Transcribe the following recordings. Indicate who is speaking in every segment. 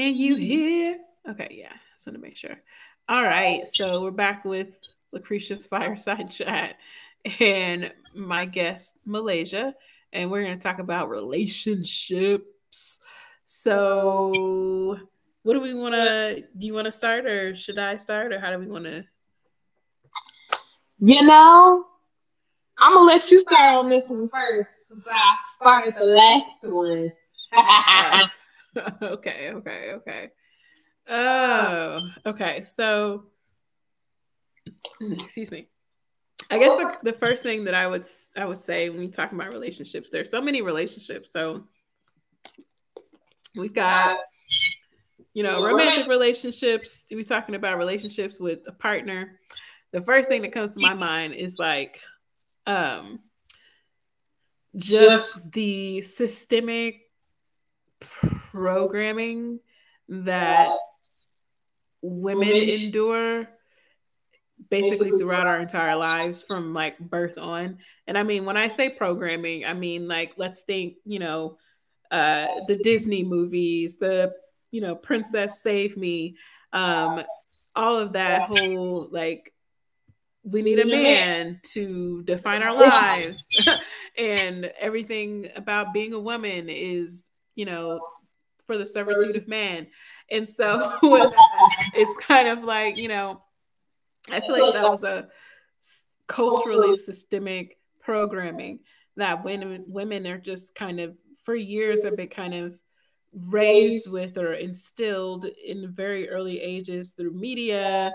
Speaker 1: So,
Speaker 2: you hear? Okay, yeah. Just want to make sure. All right, so we're back with Lucretia's fireside chat and my guest Malaysia, and we're going to talk about relationships. So, what do we want to? Do you want to start, or should I start, or how do we want to? You
Speaker 1: you
Speaker 2: know,
Speaker 1: know, I'm gonna let you start on this one first. I started the last
Speaker 2: I'm gonna let
Speaker 1: one.
Speaker 2: you. Uh, okay, okay, okay.
Speaker 1: um,
Speaker 2: Oh, okay. So, excuse me. I
Speaker 1: I
Speaker 2: guess
Speaker 1: guess
Speaker 2: like
Speaker 1: I
Speaker 2: the
Speaker 1: just
Speaker 2: first thing that I would say when we talk about relationships, there's so many relationships. So we've got
Speaker 1: got, you know, women
Speaker 2: romantic relationships. We're talking about relationships with a partner. The first thing that comes to my mind is like um, just
Speaker 1: just
Speaker 2: the systemic
Speaker 1: like
Speaker 2: programming
Speaker 1: that
Speaker 2: that women
Speaker 1: women
Speaker 2: endure basically
Speaker 1: basically
Speaker 2: throughout
Speaker 1: throughout
Speaker 2: our entire lives from like birth on. And I mean, when I say programming, I mean like let's think the Disney movies, the Princess Save Me, um, all of that
Speaker 1: that
Speaker 2: whole like we
Speaker 1: we
Speaker 2: need a
Speaker 1: need a man.
Speaker 2: man to define our
Speaker 1: This
Speaker 2: lives, and everything about being a woman is you know for the
Speaker 1: is
Speaker 2: servitude
Speaker 1: everything.
Speaker 2: of man. And so it's kind of like, I
Speaker 1: I
Speaker 2: feel
Speaker 1: feel
Speaker 2: like
Speaker 1: like
Speaker 2: that
Speaker 1: that's
Speaker 2: was a culturally
Speaker 1: culturally
Speaker 2: systemic programming that when women are just kind of for years have been kind of raised
Speaker 1: raised.
Speaker 2: with or instilled in very early ages through media,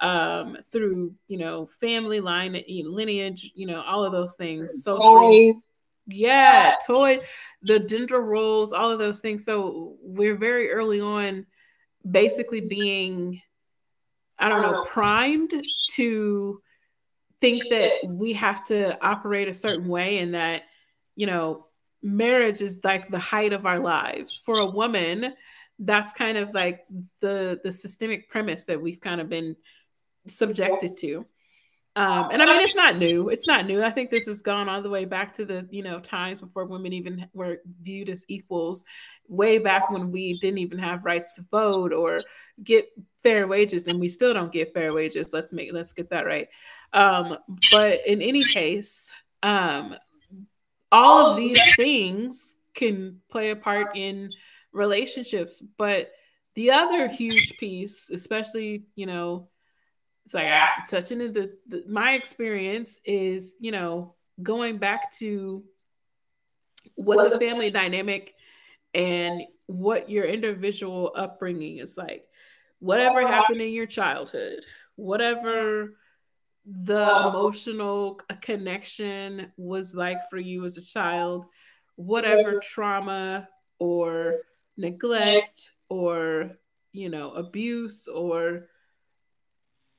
Speaker 2: through family lineage, all of those things,
Speaker 1: And
Speaker 2: social toys.
Speaker 1: toys.
Speaker 2: Yeah,
Speaker 1: Yeah,
Speaker 2: toy, the gender roles, all of those things. So we're very early on basically
Speaker 1: basically,
Speaker 2: being, I
Speaker 1: I
Speaker 2: don't
Speaker 1: don't
Speaker 2: know,
Speaker 1: know. I
Speaker 2: primed to think
Speaker 1: think
Speaker 2: that
Speaker 1: that
Speaker 2: we have to operate a certain way, and that, you know, marriage is like the height of our lives. For a woman, that's kind of like the systemic premise that we've kind of been
Speaker 1: exactly.
Speaker 2: subjected to. And I
Speaker 1: And I
Speaker 2: mean,
Speaker 1: mean,
Speaker 2: it's not new. It's not new. I think this has gone all the way back to the, times before women even were viewed as equals, way back when we didn't even have rights to vote or get fair wages, and we still don't get fair wages. Let's get that right. Um, but in any case, um, all of
Speaker 1: all of these
Speaker 2: these
Speaker 1: are
Speaker 2: things can play a part in relationships. But the other huge piece, especially, it's like
Speaker 1: like
Speaker 2: I have to touch into the my experience, is, going back to what
Speaker 1: what
Speaker 2: the
Speaker 1: the
Speaker 2: family
Speaker 1: family
Speaker 2: dynamic and
Speaker 1: was,
Speaker 2: what your individual upbringing is like, whatever
Speaker 1: whatever
Speaker 2: happened
Speaker 1: happened,
Speaker 2: in your childhood, whatever the
Speaker 1: whatever the
Speaker 2: emotional connection was like for you as a child, whatever
Speaker 1: whatever was,
Speaker 2: trauma or
Speaker 1: yeah,
Speaker 2: neglect or abuse or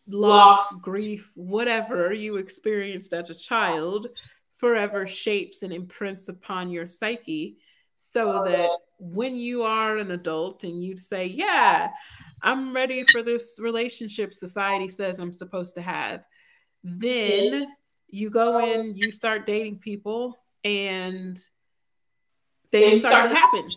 Speaker 2: loss,
Speaker 1: lost,
Speaker 2: grief, whatever
Speaker 1: whatever.
Speaker 2: you experienced as a child forever shapes and imprints upon your psyche.
Speaker 1: So
Speaker 2: So that
Speaker 1: that
Speaker 2: when
Speaker 1: you
Speaker 2: you
Speaker 1: want
Speaker 2: are an
Speaker 1: to
Speaker 2: adult and you say, "Yeah,
Speaker 1: have
Speaker 2: I'm ready
Speaker 1: really
Speaker 2: for this relationship society
Speaker 1: like
Speaker 2: says I'm supposed to have,"
Speaker 1: men
Speaker 2: then you go
Speaker 1: growing
Speaker 2: in, you start dating people, and
Speaker 1: and
Speaker 2: things
Speaker 1: things
Speaker 2: start
Speaker 1: start
Speaker 2: to happen,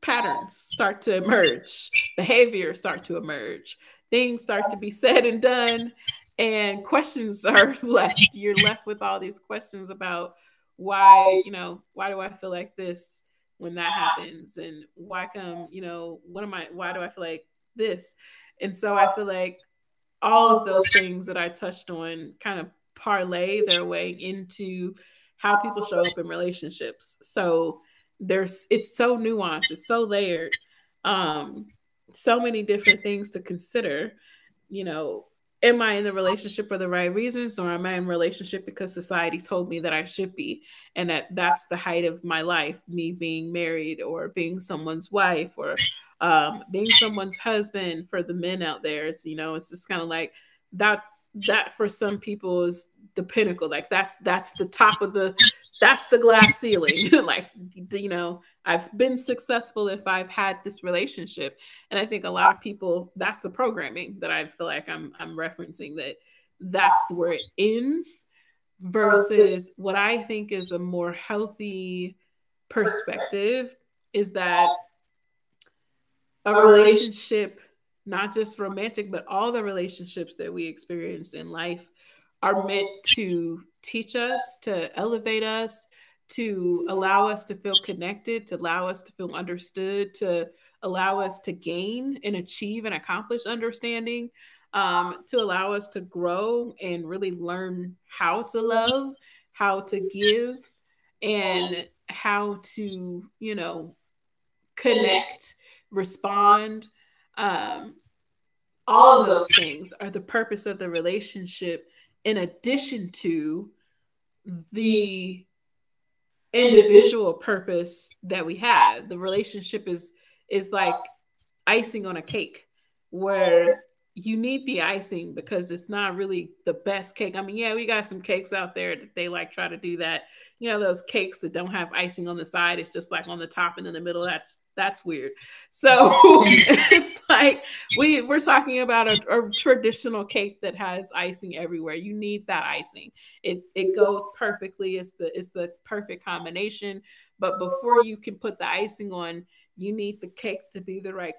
Speaker 2: patterns start to emerge,
Speaker 1: to.
Speaker 2: behaviors start to emerge, things start to be said and done, and questions are
Speaker 1: Like,
Speaker 2: left. You're left with all these questions about why. You know, why do I feel like this when that happens? And why come, why do
Speaker 1: like,
Speaker 2: I feel like this? And so I
Speaker 1: uh,
Speaker 2: feel like all
Speaker 1: all of
Speaker 2: of
Speaker 1: those
Speaker 2: those things
Speaker 1: things.
Speaker 2: that I touched on kind of parlay
Speaker 1: It's
Speaker 2: their way into how people show up in relationships. So there's it's so nuanced, it's so layered. Um so many different things to consider, you know, am I in the relationship for the right reasons, or am I in relationship because society told me that I should be, and that that's the height of my life, me being married or being someone's wife, or, being someone's husband for the men out there. Is you know it's just kind of like, that that for some people is the pinnacle. Like that's the top of the, that's the glass
Speaker 1: the
Speaker 2: ceiling.
Speaker 1: best
Speaker 2: Like, I've been successful if I've had this relationship. And I think a lot of people, that's the programming that I feel like I'm referencing, that that's where it ends, versus what I think is a more healthy perspective, is that
Speaker 1: that
Speaker 2: a
Speaker 1: a relationship
Speaker 2: relationship, not just romantic, but all the relationships that we experience in life, are meant
Speaker 1: with
Speaker 2: to teach us, to elevate us, to
Speaker 1: to
Speaker 2: allow
Speaker 1: allow
Speaker 2: us to feel connected, to allow us to feel understood, to allow us to gain and achieve and accomplish understanding,
Speaker 1: um,
Speaker 2: to allow us to grow and really learn how to love,
Speaker 1: relationships
Speaker 2: how to give,
Speaker 1: and
Speaker 2: and how to, you know,
Speaker 1: connect,
Speaker 2: connect,
Speaker 1: bond,
Speaker 2: respond.
Speaker 1: um,
Speaker 2: Um, all of
Speaker 1: all of those
Speaker 2: those things are the purpose of the relationship, in
Speaker 1: things.
Speaker 2: addition to
Speaker 1: The
Speaker 2: the
Speaker 1: individual
Speaker 2: individual purpose that we have.
Speaker 1: acts
Speaker 2: The relationship is like icing on a cake,
Speaker 1: of where,
Speaker 2: where you need the icing because it's not really the best cake. I mean, yeah, we got some cakes out there that they like try to do that. You know, those cakes that don't have icing on the side, it's just like on the top and in the middle. That's weird.
Speaker 1: you
Speaker 2: So,
Speaker 1: know, who you
Speaker 2: it's like we're talking about a traditional cake that has icing everywhere. You need that icing.
Speaker 1: were
Speaker 2: It
Speaker 1: going
Speaker 2: goes
Speaker 1: for.
Speaker 2: perfectly. It's the perfect combination.
Speaker 1: So
Speaker 2: But before
Speaker 1: before
Speaker 2: you can put the
Speaker 1: that,
Speaker 2: icing on, you
Speaker 1: you
Speaker 2: need the cake to be the right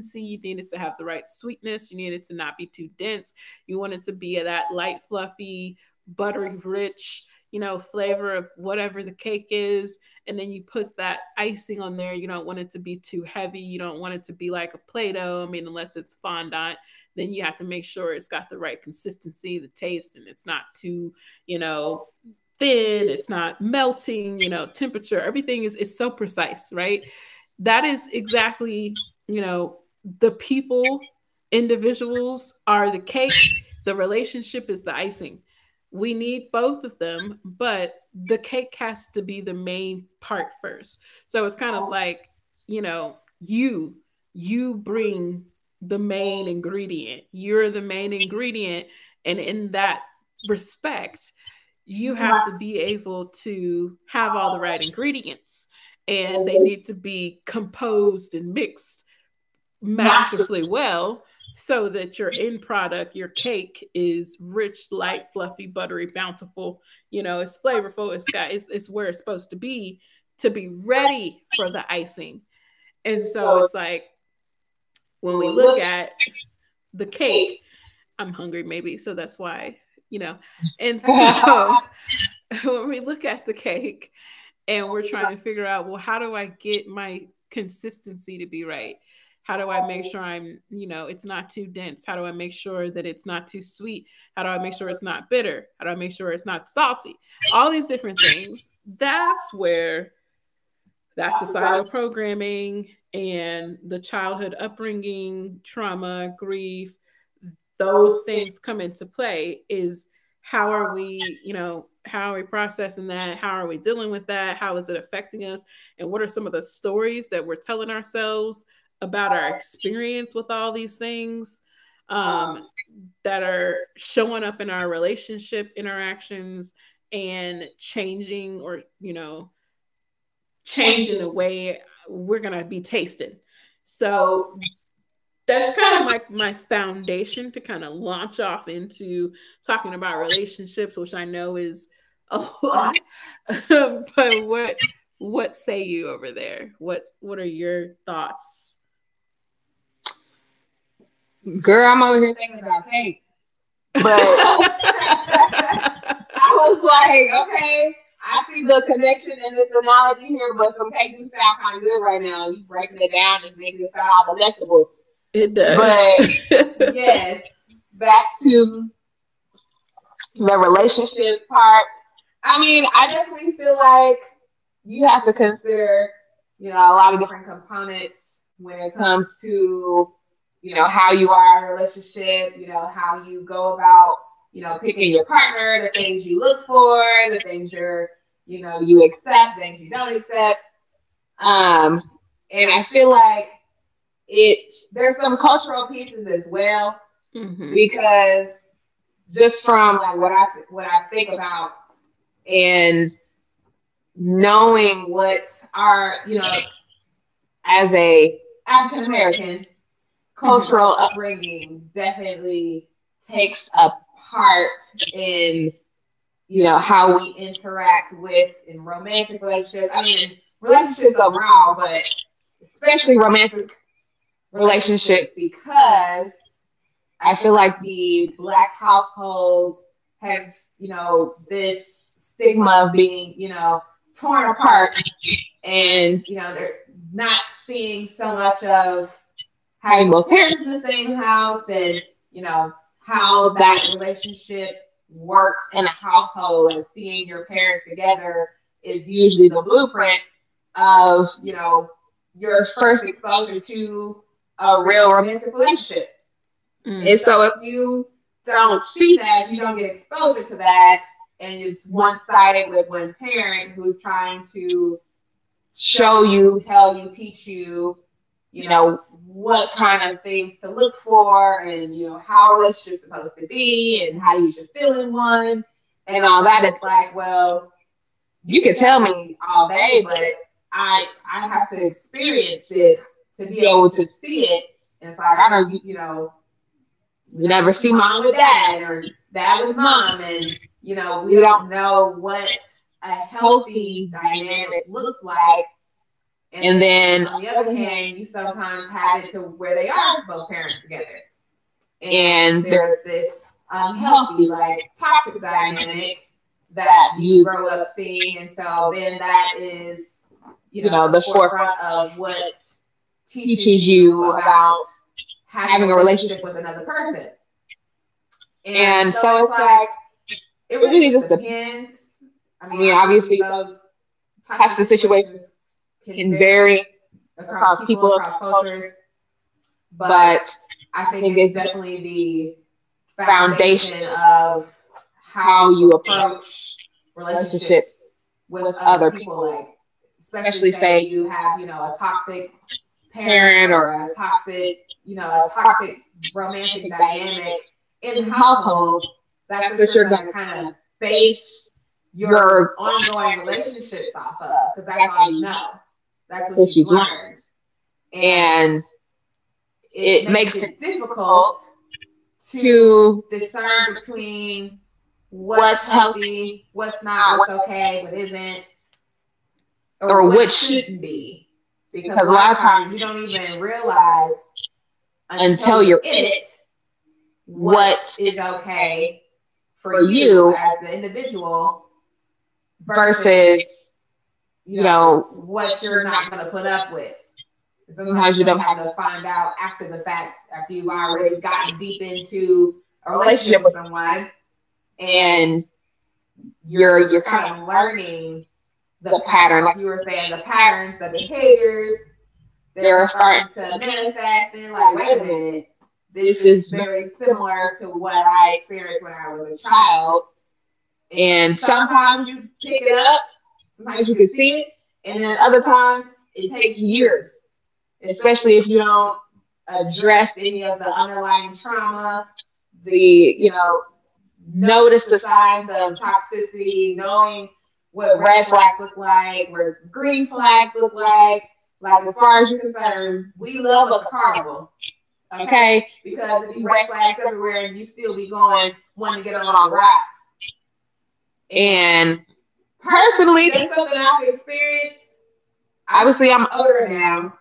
Speaker 1: need to
Speaker 2: you
Speaker 1: see
Speaker 2: need it to have the
Speaker 1: like
Speaker 2: right sweetness, you need it to not be too dense, you want it to be that light, fluffy,
Speaker 1: how
Speaker 2: buttery,
Speaker 1: does the
Speaker 2: rich, you know,
Speaker 1: professional
Speaker 2: flavor of whatever the cake is. And then you put that icing on there. You don't want it to be too heavy, you don't want it to be like a play-doh, I mean, unless it's fondant. Then you have to make sure it's got the right consistency, the taste, and it's not too, you know, thin,
Speaker 1: is
Speaker 2: it's not melting, you know, temperature. Everything is so precise, right? That is exactly, you know, the people,
Speaker 1: individualized
Speaker 2: individuals are the cake, the
Speaker 1: what
Speaker 2: relationship is the icing. We
Speaker 1: you need
Speaker 2: need
Speaker 1: from
Speaker 2: both of them, but the cake has to be the
Speaker 1: you
Speaker 2: main part first. So
Speaker 1: and
Speaker 2: it's
Speaker 1: kind of
Speaker 2: kind of
Speaker 1: have
Speaker 2: like,
Speaker 1: that
Speaker 2: you know, you you
Speaker 1: free and you
Speaker 2: bring the main ingredient. You're the main ingredient, and in that respect, you
Speaker 1: want
Speaker 2: have to be
Speaker 1: to see
Speaker 2: able to have
Speaker 1: how
Speaker 2: all the right
Speaker 1: that
Speaker 2: ingredients,
Speaker 1: is,
Speaker 2: and
Speaker 1: and
Speaker 2: they
Speaker 1: they
Speaker 2: need to be
Speaker 1: how it's
Speaker 2: composed and mixed
Speaker 1: masterful
Speaker 2: masterfully well, so that your end product, your cake, is rich,
Speaker 1: like
Speaker 2: light, fluffy, buttery, bountiful. You know, it's flavorful. It's where it's supposed to be
Speaker 1: rest.
Speaker 2: ready for the icing. And
Speaker 1: And
Speaker 2: so
Speaker 1: so
Speaker 2: it's like, when we
Speaker 1: when we
Speaker 2: look
Speaker 1: look at
Speaker 2: at the
Speaker 1: the
Speaker 2: cake,
Speaker 1: case,
Speaker 2: I'm hungry maybe, so that's why you know. And
Speaker 1: and
Speaker 2: so when we look at the cake, and we're
Speaker 1: we're
Speaker 2: trying
Speaker 1: trying
Speaker 2: to figure out, well, how do I get my consistency to be right, how do I make
Speaker 1: um,
Speaker 2: sure, I'm, you know, it's not too dense, how do I make sure that it's not too sweet, how do I make sure it's not bitter, how do I make sure it's not salty, all these different things, that's where that societal programming and the childhood upbringing, trauma, grief, those things come into play, is how are we, you know, how are we processing that? How are we dealing with that? How is it affecting us? And what are some of the stories that we're telling ourselves about our experience with all these things, um,
Speaker 1: that
Speaker 2: that are
Speaker 1: are
Speaker 2: showing up in our relationship interactions, and changing, or, changed in
Speaker 1: changing.
Speaker 2: the
Speaker 1: Them. So
Speaker 2: way we're gonna be tasted. So that's
Speaker 1: that's
Speaker 2: kind of
Speaker 1: kind of.
Speaker 2: my foundation to kind of launch off into talking about relationships, which I know is a lot. But what say you over there? What are your thoughts? Girl,
Speaker 1: Girl,
Speaker 2: I'm
Speaker 1: I'm
Speaker 2: over
Speaker 1: over here
Speaker 2: here thinking
Speaker 1: thinking about
Speaker 2: about cake.
Speaker 1: cake. But.
Speaker 2: I
Speaker 1: I was
Speaker 2: was
Speaker 1: like,
Speaker 2: like,
Speaker 1: okay,
Speaker 2: okay,
Speaker 1: I
Speaker 2: I
Speaker 1: see
Speaker 2: see the
Speaker 1: the connection
Speaker 2: connection in
Speaker 1: and
Speaker 2: this
Speaker 1: this
Speaker 2: analogy
Speaker 1: analogy here,
Speaker 2: here, but
Speaker 1: but
Speaker 2: some
Speaker 1: some
Speaker 2: cake do
Speaker 1: KG sound
Speaker 2: sound kind
Speaker 1: kind
Speaker 2: of
Speaker 1: of
Speaker 2: good
Speaker 1: good
Speaker 2: right
Speaker 1: right
Speaker 2: now.
Speaker 1: now.
Speaker 2: You
Speaker 1: You
Speaker 2: breaking
Speaker 1: breaking
Speaker 2: it
Speaker 1: it
Speaker 2: down
Speaker 1: down
Speaker 2: and
Speaker 1: and
Speaker 2: making
Speaker 1: making
Speaker 2: it
Speaker 1: it
Speaker 2: sound
Speaker 1: sound
Speaker 2: all
Speaker 1: like a vegetable.
Speaker 2: delectable. It does.
Speaker 1: But
Speaker 2: But
Speaker 1: yeah,
Speaker 2: yes,
Speaker 1: back
Speaker 2: back
Speaker 1: to
Speaker 2: to the
Speaker 1: the relationship
Speaker 2: relationship part.
Speaker 1: part.
Speaker 2: I
Speaker 1: I
Speaker 2: mean,
Speaker 1: mean, I
Speaker 2: I
Speaker 1: definitely
Speaker 2: definitely feel
Speaker 1: feel
Speaker 2: like
Speaker 1: like
Speaker 2: you
Speaker 1: you
Speaker 2: have
Speaker 1: have
Speaker 2: to
Speaker 1: to consider,
Speaker 2: consider, you
Speaker 1: you
Speaker 2: know,
Speaker 1: know,
Speaker 2: a
Speaker 1: a
Speaker 2: lot
Speaker 1: lot
Speaker 2: of
Speaker 1: of different
Speaker 2: different
Speaker 1: components
Speaker 2: components when
Speaker 1: when it
Speaker 2: it comes
Speaker 1: comes to
Speaker 2: to,
Speaker 1: you
Speaker 2: you
Speaker 1: know,
Speaker 2: know, how
Speaker 1: how you
Speaker 2: you
Speaker 1: are
Speaker 2: are in
Speaker 1: in
Speaker 2: a relationship,
Speaker 1: relationships,
Speaker 2: you
Speaker 1: you know,
Speaker 2: know,
Speaker 1: how
Speaker 2: how you
Speaker 1: you
Speaker 2: go
Speaker 1: go
Speaker 2: about,
Speaker 1: about,
Speaker 2: you
Speaker 1: you know,
Speaker 2: know, picking
Speaker 1: picking
Speaker 2: your
Speaker 1: your partner,
Speaker 2: partner, the
Speaker 1: the
Speaker 2: things
Speaker 1: things
Speaker 2: you
Speaker 1: you look
Speaker 2: look for,
Speaker 1: for,
Speaker 2: the
Speaker 1: the things
Speaker 2: things
Speaker 1: you,
Speaker 2: you're, you
Speaker 1: you
Speaker 2: know,
Speaker 1: know,
Speaker 2: you
Speaker 1: you accept,
Speaker 2: accept,
Speaker 1: things
Speaker 2: things you
Speaker 1: you
Speaker 2: don't
Speaker 1: don't
Speaker 2: accept.
Speaker 1: accept. Um,
Speaker 2: Um, and
Speaker 1: and
Speaker 2: I
Speaker 1: I
Speaker 2: feel
Speaker 1: feel
Speaker 2: like
Speaker 1: like
Speaker 2: it's
Speaker 1: there's
Speaker 2: there's some
Speaker 1: some
Speaker 2: cultural
Speaker 1: cultural
Speaker 2: pieces
Speaker 1: pieces
Speaker 2: as
Speaker 1: as
Speaker 2: well.
Speaker 1: well,
Speaker 2: Mm-hmm.
Speaker 1: because
Speaker 2: Because just
Speaker 1: just from
Speaker 2: from like
Speaker 1: like
Speaker 2: what what
Speaker 1: what I
Speaker 2: I think
Speaker 1: think
Speaker 2: about,
Speaker 1: about
Speaker 2: and
Speaker 1: and knowing
Speaker 2: knowing
Speaker 1: what,
Speaker 2: what our you
Speaker 1: you
Speaker 2: know
Speaker 1: know,
Speaker 2: as
Speaker 1: as a
Speaker 2: a
Speaker 1: African
Speaker 2: African American
Speaker 1: American,
Speaker 2: cultural,
Speaker 1: cultural
Speaker 2: mm-hmm, upbringing
Speaker 1: upbringing definitely
Speaker 2: definitely takes
Speaker 1: takes a
Speaker 2: a
Speaker 1: part
Speaker 2: part in,
Speaker 1: in you know how
Speaker 2: how
Speaker 1: we
Speaker 2: we
Speaker 1: interact
Speaker 2: interact with
Speaker 1: with
Speaker 2: in romantic
Speaker 1: romantic relationships.
Speaker 2: relationships. I
Speaker 1: I
Speaker 2: mean,
Speaker 1: mean,
Speaker 2: in
Speaker 1: it's
Speaker 2: relationships
Speaker 1: relationships
Speaker 2: overall,
Speaker 1: overall, but
Speaker 2: but especially
Speaker 1: especially romantic
Speaker 2: romantic relationships
Speaker 1: relationships
Speaker 2: because
Speaker 1: because
Speaker 2: I
Speaker 1: I
Speaker 2: feel
Speaker 1: feel
Speaker 2: like
Speaker 1: like the
Speaker 2: the black
Speaker 1: black household
Speaker 2: household has,
Speaker 1: has
Speaker 2: you
Speaker 1: you
Speaker 2: know,
Speaker 1: know this
Speaker 2: this stigma
Speaker 1: stigma
Speaker 2: of
Speaker 1: of being
Speaker 2: being, you
Speaker 1: you know
Speaker 2: know, torn
Speaker 1: torn
Speaker 2: apart
Speaker 1: apart
Speaker 2: and,
Speaker 1: and
Speaker 2: you know, they're not
Speaker 1: not
Speaker 2: seeing
Speaker 1: seeing
Speaker 2: so
Speaker 1: so
Speaker 2: much
Speaker 1: much
Speaker 2: of
Speaker 1: of
Speaker 2: having
Speaker 1: having
Speaker 2: both
Speaker 1: both parents
Speaker 2: parents in
Speaker 1: in
Speaker 2: the
Speaker 1: the
Speaker 2: same
Speaker 1: same house
Speaker 2: house and,
Speaker 1: and.
Speaker 2: you know, how
Speaker 1: How that
Speaker 2: that relationship
Speaker 1: relationship
Speaker 2: works
Speaker 1: works
Speaker 2: in
Speaker 1: in a
Speaker 2: a household,
Speaker 1: household
Speaker 2: like
Speaker 1: and
Speaker 2: seeing
Speaker 1: seeing your
Speaker 2: your parents
Speaker 1: parents together
Speaker 2: together
Speaker 1: is
Speaker 2: is usually
Speaker 1: usually
Speaker 2: the
Speaker 1: the
Speaker 2: blueprint
Speaker 1: blueprint
Speaker 2: of,
Speaker 1: of,
Speaker 2: you
Speaker 1: you
Speaker 2: know,
Speaker 1: know, your
Speaker 2: your
Speaker 1: first
Speaker 2: first exposure
Speaker 1: exposure to
Speaker 2: to a
Speaker 1: a
Speaker 2: real
Speaker 1: real romantic
Speaker 2: romantic relationship.
Speaker 1: relationship.
Speaker 2: Mm. And
Speaker 1: And so
Speaker 2: so
Speaker 1: if
Speaker 2: if you
Speaker 1: you
Speaker 2: don't
Speaker 1: don't
Speaker 2: see
Speaker 1: see that,
Speaker 2: that,
Speaker 1: if
Speaker 2: if you
Speaker 1: you
Speaker 2: don't
Speaker 1: don't
Speaker 2: get
Speaker 1: get
Speaker 2: exposure
Speaker 1: exposure
Speaker 2: to
Speaker 1: to
Speaker 2: that,
Speaker 1: that,
Speaker 2: and
Speaker 1: and it's
Speaker 2: it's
Speaker 1: one
Speaker 2: one sided
Speaker 1: sided
Speaker 2: with
Speaker 1: with
Speaker 2: one
Speaker 1: your
Speaker 2: parent
Speaker 1: parent
Speaker 2: who's
Speaker 1: who's trying
Speaker 2: trying
Speaker 1: to
Speaker 2: to show
Speaker 1: show
Speaker 2: you,
Speaker 1: you,
Speaker 2: tell
Speaker 1: tell
Speaker 2: you,
Speaker 1: you, teach
Speaker 2: teach you,
Speaker 1: you
Speaker 2: you
Speaker 1: you
Speaker 2: know,
Speaker 1: know,
Speaker 2: what
Speaker 1: what
Speaker 2: kind
Speaker 1: kind of
Speaker 2: of things
Speaker 1: things
Speaker 2: to
Speaker 1: to
Speaker 2: look
Speaker 1: look for
Speaker 2: for and,
Speaker 1: and
Speaker 2: you
Speaker 1: you
Speaker 2: know,
Speaker 1: know,
Speaker 2: how a
Speaker 1: how a
Speaker 2: relationship's
Speaker 1: relationship's
Speaker 2: supposed
Speaker 1: supposed
Speaker 2: to
Speaker 1: to
Speaker 2: be
Speaker 1: be
Speaker 2: and
Speaker 1: and
Speaker 2: how
Speaker 1: how
Speaker 2: you
Speaker 1: you
Speaker 2: should
Speaker 1: should
Speaker 2: feel
Speaker 1: feel
Speaker 2: in
Speaker 1: in
Speaker 2: one
Speaker 1: one
Speaker 2: and
Speaker 1: and
Speaker 2: all
Speaker 1: all
Speaker 2: that.
Speaker 1: that. It's
Speaker 2: It's
Speaker 1: like,
Speaker 2: like,
Speaker 1: well,
Speaker 2: well, you
Speaker 1: you
Speaker 2: could
Speaker 1: can
Speaker 2: tell
Speaker 1: tell me
Speaker 2: me all
Speaker 1: all
Speaker 2: day,
Speaker 1: day, but
Speaker 2: but I I
Speaker 1: I have
Speaker 2: have to
Speaker 1: to
Speaker 2: experience
Speaker 1: experience it
Speaker 2: it to
Speaker 1: to
Speaker 2: be
Speaker 1: be
Speaker 2: able
Speaker 1: able to
Speaker 2: to see
Speaker 1: see
Speaker 2: it.
Speaker 1: it.
Speaker 2: And it's
Speaker 1: It's
Speaker 2: like
Speaker 1: like, I
Speaker 2: I don't,
Speaker 1: don't,
Speaker 2: you
Speaker 1: you know,
Speaker 2: know, We
Speaker 1: we
Speaker 2: never
Speaker 1: never
Speaker 2: see
Speaker 1: see
Speaker 2: mom
Speaker 1: mom
Speaker 2: with
Speaker 1: with dad
Speaker 2: dad
Speaker 1: and
Speaker 2: or dad
Speaker 1: dad
Speaker 2: with
Speaker 1: with mom.
Speaker 2: mom
Speaker 1: And,
Speaker 2: and you
Speaker 1: you
Speaker 2: know
Speaker 1: know,
Speaker 2: we
Speaker 1: we don't
Speaker 2: don't know
Speaker 1: know what
Speaker 2: what a
Speaker 1: a healthy
Speaker 2: healthy dynamic
Speaker 1: dynamic looks
Speaker 2: looks like.
Speaker 1: like
Speaker 2: And
Speaker 1: and
Speaker 2: then
Speaker 1: then on
Speaker 2: on the
Speaker 1: the
Speaker 2: other
Speaker 1: other hand,
Speaker 2: hand you
Speaker 1: you
Speaker 2: sometimes
Speaker 1: sometimes
Speaker 2: have
Speaker 1: have
Speaker 2: it
Speaker 1: it
Speaker 2: to
Speaker 1: to
Speaker 2: where
Speaker 1: where
Speaker 2: they
Speaker 1: they
Speaker 2: are
Speaker 1: are
Speaker 2: both
Speaker 1: still
Speaker 2: parents together
Speaker 1: together.
Speaker 2: and
Speaker 1: And
Speaker 2: there's
Speaker 1: there's
Speaker 2: this
Speaker 1: this
Speaker 2: unhealthy
Speaker 1: unhealthy,
Speaker 2: like
Speaker 1: like
Speaker 2: toxic
Speaker 1: toxic
Speaker 2: dynamic
Speaker 1: dynamic
Speaker 2: that
Speaker 1: that
Speaker 2: you
Speaker 1: you
Speaker 2: grow
Speaker 1: grow
Speaker 2: up
Speaker 1: up
Speaker 2: seeing. And
Speaker 1: seeing.
Speaker 2: so
Speaker 1: So
Speaker 2: then
Speaker 1: then
Speaker 2: that
Speaker 1: that is,
Speaker 2: is
Speaker 1: you know,
Speaker 2: the
Speaker 1: the
Speaker 2: forefront
Speaker 1: forefront
Speaker 2: of
Speaker 1: of what
Speaker 2: what teaches
Speaker 1: teaches you
Speaker 2: you about
Speaker 1: about
Speaker 2: having a
Speaker 1: having a
Speaker 2: relationship
Speaker 1: relationship
Speaker 2: with
Speaker 1: with
Speaker 2: another
Speaker 1: another
Speaker 2: person.
Speaker 1: person.
Speaker 2: And
Speaker 1: And
Speaker 2: so
Speaker 1: so
Speaker 2: it's
Speaker 1: it's
Speaker 2: like,
Speaker 1: like
Speaker 2: it
Speaker 1: it
Speaker 2: really
Speaker 1: really
Speaker 2: just
Speaker 1: just
Speaker 2: depends.
Speaker 1: depends.
Speaker 2: I
Speaker 1: I
Speaker 2: mean,
Speaker 1: mean,
Speaker 2: obviously,
Speaker 1: obviously
Speaker 2: those
Speaker 1: those
Speaker 2: types
Speaker 1: types
Speaker 2: of
Speaker 1: of
Speaker 2: situations
Speaker 1: situations
Speaker 2: can
Speaker 1: can
Speaker 2: vary
Speaker 1: vary
Speaker 2: across
Speaker 1: across
Speaker 2: people,
Speaker 1: people
Speaker 2: across
Speaker 1: across
Speaker 2: cultures,
Speaker 1: cultures,
Speaker 2: but
Speaker 1: but I
Speaker 2: I think
Speaker 1: think
Speaker 2: it's
Speaker 1: it's definitely
Speaker 2: definitely
Speaker 1: the
Speaker 2: the foundation
Speaker 1: foundation
Speaker 2: of
Speaker 1: of
Speaker 2: how
Speaker 1: how
Speaker 2: you
Speaker 1: you
Speaker 2: approach
Speaker 1: approach relationships
Speaker 2: relationships with
Speaker 1: with
Speaker 2: other
Speaker 1: other
Speaker 2: people. Like,
Speaker 1: people,
Speaker 2: especially
Speaker 1: especially
Speaker 2: say
Speaker 1: say
Speaker 2: you
Speaker 1: you
Speaker 2: have,
Speaker 1: have
Speaker 2: you
Speaker 1: you
Speaker 2: know,
Speaker 1: know,
Speaker 2: a
Speaker 1: a
Speaker 2: toxic
Speaker 1: toxic
Speaker 2: parent
Speaker 1: parent or
Speaker 2: or
Speaker 1: a
Speaker 2: a toxic,
Speaker 1: toxic, you
Speaker 2: a
Speaker 1: know,
Speaker 2: toxic
Speaker 1: toxic
Speaker 2: romantic
Speaker 1: romantic
Speaker 2: dynamic
Speaker 1: dynamic
Speaker 2: in
Speaker 1: in
Speaker 2: the
Speaker 1: the
Speaker 2: household,
Speaker 1: household.
Speaker 2: that's
Speaker 1: That's
Speaker 2: what
Speaker 1: what
Speaker 2: you're
Speaker 1: you're
Speaker 2: going
Speaker 1: going to
Speaker 2: to kind
Speaker 1: kind
Speaker 2: of
Speaker 1: of
Speaker 2: base
Speaker 1: base your
Speaker 2: your ongoing
Speaker 1: ongoing
Speaker 2: relationships
Speaker 1: relationship
Speaker 2: off
Speaker 1: off of,
Speaker 2: of because
Speaker 1: because
Speaker 2: that's
Speaker 1: that's
Speaker 2: all
Speaker 1: all
Speaker 2: you
Speaker 1: you
Speaker 2: know.
Speaker 1: know.
Speaker 2: That's
Speaker 1: That's
Speaker 2: what
Speaker 1: what
Speaker 2: you've
Speaker 1: she's learned,
Speaker 2: learned. And
Speaker 1: and
Speaker 2: it
Speaker 1: it
Speaker 2: makes
Speaker 1: makes it
Speaker 2: it
Speaker 1: difficult
Speaker 2: difficult to
Speaker 1: to
Speaker 2: discern
Speaker 1: discern
Speaker 2: between
Speaker 1: between
Speaker 2: what's
Speaker 1: what's
Speaker 2: healthy,
Speaker 1: healthy,
Speaker 2: what's
Speaker 1: what's
Speaker 2: not,
Speaker 1: not,
Speaker 2: what's
Speaker 1: what's
Speaker 2: okay,
Speaker 1: okay, what
Speaker 2: what isn't,
Speaker 1: isn't,
Speaker 2: or
Speaker 1: or
Speaker 2: what
Speaker 1: what should
Speaker 2: shouldn't
Speaker 1: be.
Speaker 2: be. Because a
Speaker 1: Because a
Speaker 2: lot
Speaker 1: lot
Speaker 2: of
Speaker 1: of times
Speaker 2: times you
Speaker 1: you don't
Speaker 2: don't even
Speaker 1: even
Speaker 2: realize
Speaker 1: realize
Speaker 2: until
Speaker 1: until
Speaker 2: you're
Speaker 1: you're
Speaker 2: in
Speaker 1: in it
Speaker 2: it what
Speaker 1: what is
Speaker 2: is
Speaker 1: okay
Speaker 2: okay for
Speaker 1: for
Speaker 2: you
Speaker 1: you
Speaker 2: as
Speaker 1: as
Speaker 2: the
Speaker 1: an
Speaker 2: individual
Speaker 1: individual
Speaker 2: versus
Speaker 1: versus,
Speaker 2: you
Speaker 1: you
Speaker 2: know,
Speaker 1: know, what
Speaker 2: what you're
Speaker 1: you're not
Speaker 2: not going to
Speaker 1: going to
Speaker 2: put
Speaker 1: put
Speaker 2: up
Speaker 1: up
Speaker 2: with.
Speaker 1: with.
Speaker 2: And sometimes you
Speaker 1: Sometimes you
Speaker 2: don't
Speaker 1: don't
Speaker 2: have
Speaker 1: have
Speaker 2: to
Speaker 1: enough
Speaker 2: find
Speaker 1: find
Speaker 2: out
Speaker 1: out
Speaker 2: after
Speaker 1: after
Speaker 2: the
Speaker 1: the fact
Speaker 2: fact,
Speaker 1: that
Speaker 2: after you've
Speaker 1: you've
Speaker 2: already
Speaker 1: already got
Speaker 2: gotten deep
Speaker 1: deep
Speaker 2: into
Speaker 1: into
Speaker 2: a
Speaker 1: a
Speaker 2: relationship
Speaker 1: relationship
Speaker 2: with
Speaker 1: with
Speaker 2: someone
Speaker 1: someone
Speaker 2: and
Speaker 1: and
Speaker 2: you're
Speaker 1: you're
Speaker 2: you're
Speaker 1: you're
Speaker 2: kind
Speaker 1: kind of
Speaker 2: of
Speaker 1: learning
Speaker 2: learning the
Speaker 1: the
Speaker 2: patterns,
Speaker 1: pattern,
Speaker 2: like
Speaker 1: like
Speaker 2: you
Speaker 1: you
Speaker 2: were
Speaker 1: were
Speaker 2: saying,
Speaker 1: saying,
Speaker 2: the
Speaker 1: the pattern
Speaker 2: patterns, the
Speaker 1: for the
Speaker 2: behaviors.
Speaker 1: kids.
Speaker 2: They're
Speaker 1: They're
Speaker 2: starting
Speaker 1: starting
Speaker 2: to
Speaker 1: to be in a sad
Speaker 2: manifest and you're
Speaker 1: and
Speaker 2: like,
Speaker 1: like,
Speaker 2: wait a
Speaker 1: wait a
Speaker 2: minute,
Speaker 1: minute,
Speaker 2: this
Speaker 1: this
Speaker 2: is
Speaker 1: is
Speaker 2: very
Speaker 1: very similar
Speaker 2: similar to
Speaker 1: to
Speaker 2: what
Speaker 1: what I
Speaker 2: I experienced
Speaker 1: experienced
Speaker 2: when
Speaker 1: when
Speaker 2: I
Speaker 1: I
Speaker 2: was
Speaker 1: was
Speaker 2: a
Speaker 1: a
Speaker 2: child.
Speaker 1: child.
Speaker 2: And
Speaker 1: And
Speaker 2: sometimes
Speaker 1: sometimes
Speaker 2: you
Speaker 1: you
Speaker 2: pick
Speaker 1: pick
Speaker 2: it
Speaker 1: it
Speaker 2: up,
Speaker 1: up
Speaker 2: sometimes
Speaker 1: because
Speaker 2: you
Speaker 1: you
Speaker 2: can
Speaker 1: can
Speaker 2: see
Speaker 1: see
Speaker 2: it,
Speaker 1: it,
Speaker 2: and
Speaker 1: and
Speaker 2: then
Speaker 1: then
Speaker 2: other
Speaker 1: other
Speaker 2: times
Speaker 1: times
Speaker 2: it
Speaker 1: it
Speaker 2: takes
Speaker 1: takes years,
Speaker 2: years, especially
Speaker 1: especially
Speaker 2: if
Speaker 1: if
Speaker 2: you
Speaker 1: you
Speaker 2: don't
Speaker 1: don't
Speaker 2: address
Speaker 1: address
Speaker 2: any
Speaker 1: any
Speaker 2: of
Speaker 1: of
Speaker 2: the
Speaker 1: the
Speaker 2: underlying
Speaker 1: underlying
Speaker 2: trauma,
Speaker 1: trauma,
Speaker 2: the,
Speaker 1: the,
Speaker 2: you
Speaker 1: you know,
Speaker 2: know, notice
Speaker 1: notice
Speaker 2: the
Speaker 1: the
Speaker 2: signs
Speaker 1: signs of
Speaker 2: of toxicity,
Speaker 1: toxicity, knowing
Speaker 2: knowing what
Speaker 1: what
Speaker 2: red
Speaker 1: red
Speaker 2: flags
Speaker 1: flags
Speaker 2: look
Speaker 1: look
Speaker 2: like,
Speaker 1: like, what
Speaker 2: what green
Speaker 1: green flags
Speaker 2: flags look
Speaker 1: look
Speaker 2: like.
Speaker 1: like.
Speaker 2: Like,
Speaker 1: Like,
Speaker 2: as
Speaker 1: as
Speaker 2: far
Speaker 1: far
Speaker 2: as
Speaker 1: as
Speaker 2: you're
Speaker 1: you're
Speaker 2: concerned,
Speaker 1: concerned,
Speaker 2: we
Speaker 1: we
Speaker 2: love
Speaker 1: love
Speaker 2: us
Speaker 1: us
Speaker 2: a
Speaker 1: a
Speaker 2: carnival,
Speaker 1: problem.
Speaker 2: okay?
Speaker 1: Okay? Because
Speaker 2: Because it'd
Speaker 1: if
Speaker 2: be
Speaker 1: you
Speaker 2: red
Speaker 1: red flag
Speaker 2: flags everywhere
Speaker 1: everywhere,
Speaker 2: and you
Speaker 1: you
Speaker 2: still
Speaker 1: still
Speaker 2: be
Speaker 1: be
Speaker 2: going,
Speaker 1: going trying
Speaker 2: wanting
Speaker 1: to
Speaker 2: to get
Speaker 1: get
Speaker 2: on
Speaker 1: on
Speaker 2: all
Speaker 1: all
Speaker 2: the
Speaker 1: the
Speaker 2: rides.
Speaker 1: rides.
Speaker 2: And
Speaker 1: And personally,
Speaker 2: personally,
Speaker 1: that's
Speaker 2: that's something
Speaker 1: something
Speaker 2: I've
Speaker 1: I've experienced.
Speaker 2: experienced. Obviously,
Speaker 1: Obviously,
Speaker 2: I'm
Speaker 1: I'm
Speaker 2: older
Speaker 1: older now,
Speaker 2: now,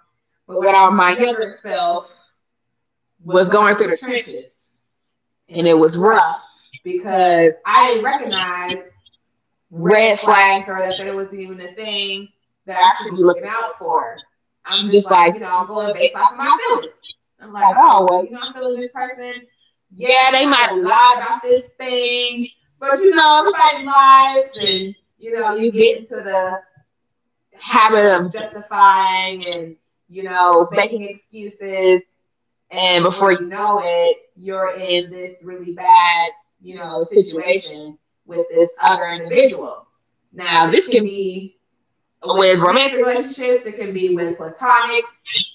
Speaker 2: but
Speaker 1: but
Speaker 2: when
Speaker 1: when
Speaker 2: I,
Speaker 1: I,
Speaker 2: my
Speaker 1: my younger
Speaker 2: younger self
Speaker 1: self
Speaker 2: was
Speaker 1: was
Speaker 2: going
Speaker 1: going
Speaker 2: through
Speaker 1: through
Speaker 2: the
Speaker 1: the trenches,
Speaker 2: trenches and
Speaker 1: and
Speaker 2: it
Speaker 1: it
Speaker 2: was
Speaker 1: was
Speaker 2: rough
Speaker 1: rough
Speaker 2: because
Speaker 1: because I
Speaker 2: I didn't
Speaker 1: didn't
Speaker 2: recognize
Speaker 1: recognize
Speaker 2: red
Speaker 1: red flags
Speaker 2: flags or
Speaker 1: or the
Speaker 2: that it was not even a
Speaker 1: the
Speaker 2: thing
Speaker 1: things
Speaker 2: that
Speaker 1: that
Speaker 2: I
Speaker 1: I
Speaker 2: should be
Speaker 1: should be
Speaker 2: looking
Speaker 1: looking
Speaker 2: out
Speaker 1: out
Speaker 2: for.
Speaker 1: for.
Speaker 2: I'm
Speaker 1: I'm
Speaker 2: just
Speaker 1: just like,
Speaker 2: like,
Speaker 1: you know,
Speaker 2: I'm
Speaker 1: I'm
Speaker 2: going
Speaker 1: going
Speaker 2: based
Speaker 1: based
Speaker 2: off
Speaker 1: off
Speaker 2: of
Speaker 1: of
Speaker 2: my
Speaker 1: my
Speaker 2: feelings.
Speaker 1: feelings.
Speaker 2: I'm
Speaker 1: I'm
Speaker 2: like,
Speaker 1: like, oh,
Speaker 2: oh, well,
Speaker 1: well, you
Speaker 2: I'm
Speaker 1: ain't
Speaker 2: feeling
Speaker 1: feeling
Speaker 2: this
Speaker 1: this
Speaker 2: person.
Speaker 1: person
Speaker 2: Yeah,
Speaker 1: yeah,
Speaker 2: they
Speaker 1: they might
Speaker 2: might
Speaker 1: have
Speaker 2: have lied
Speaker 1: lied about
Speaker 2: about this
Speaker 1: this thing,
Speaker 2: thing, but
Speaker 1: but you know,
Speaker 2: everybody
Speaker 1: everybody
Speaker 2: lies
Speaker 1: lies, and
Speaker 2: and
Speaker 1: you know,
Speaker 2: you
Speaker 1: you
Speaker 2: get
Speaker 1: get into
Speaker 2: into the
Speaker 1: the
Speaker 2: habit
Speaker 1: habit of
Speaker 2: of
Speaker 1: justifying
Speaker 2: justifying and
Speaker 1: and you know,
Speaker 2: making
Speaker 1: making
Speaker 2: excuses
Speaker 1: excuses,
Speaker 2: and
Speaker 1: and
Speaker 2: before
Speaker 1: before you know
Speaker 2: it
Speaker 1: it,
Speaker 2: you're
Speaker 1: you're in
Speaker 2: in this
Speaker 1: this
Speaker 2: really
Speaker 1: really
Speaker 2: bad
Speaker 1: bad, you know,
Speaker 2: situation
Speaker 1: situation
Speaker 2: with
Speaker 1: with
Speaker 2: this
Speaker 1: this other
Speaker 2: other individual.
Speaker 1: individual.
Speaker 2: Now
Speaker 1: Now,
Speaker 2: this
Speaker 1: this
Speaker 2: can
Speaker 1: can be
Speaker 2: be with
Speaker 1: with
Speaker 2: romantic
Speaker 1: romantic
Speaker 2: relationships,
Speaker 1: relationships,
Speaker 2: it
Speaker 1: it
Speaker 2: can
Speaker 1: can
Speaker 2: be
Speaker 1: be
Speaker 2: with
Speaker 1: with
Speaker 2: platonic
Speaker 1: platonic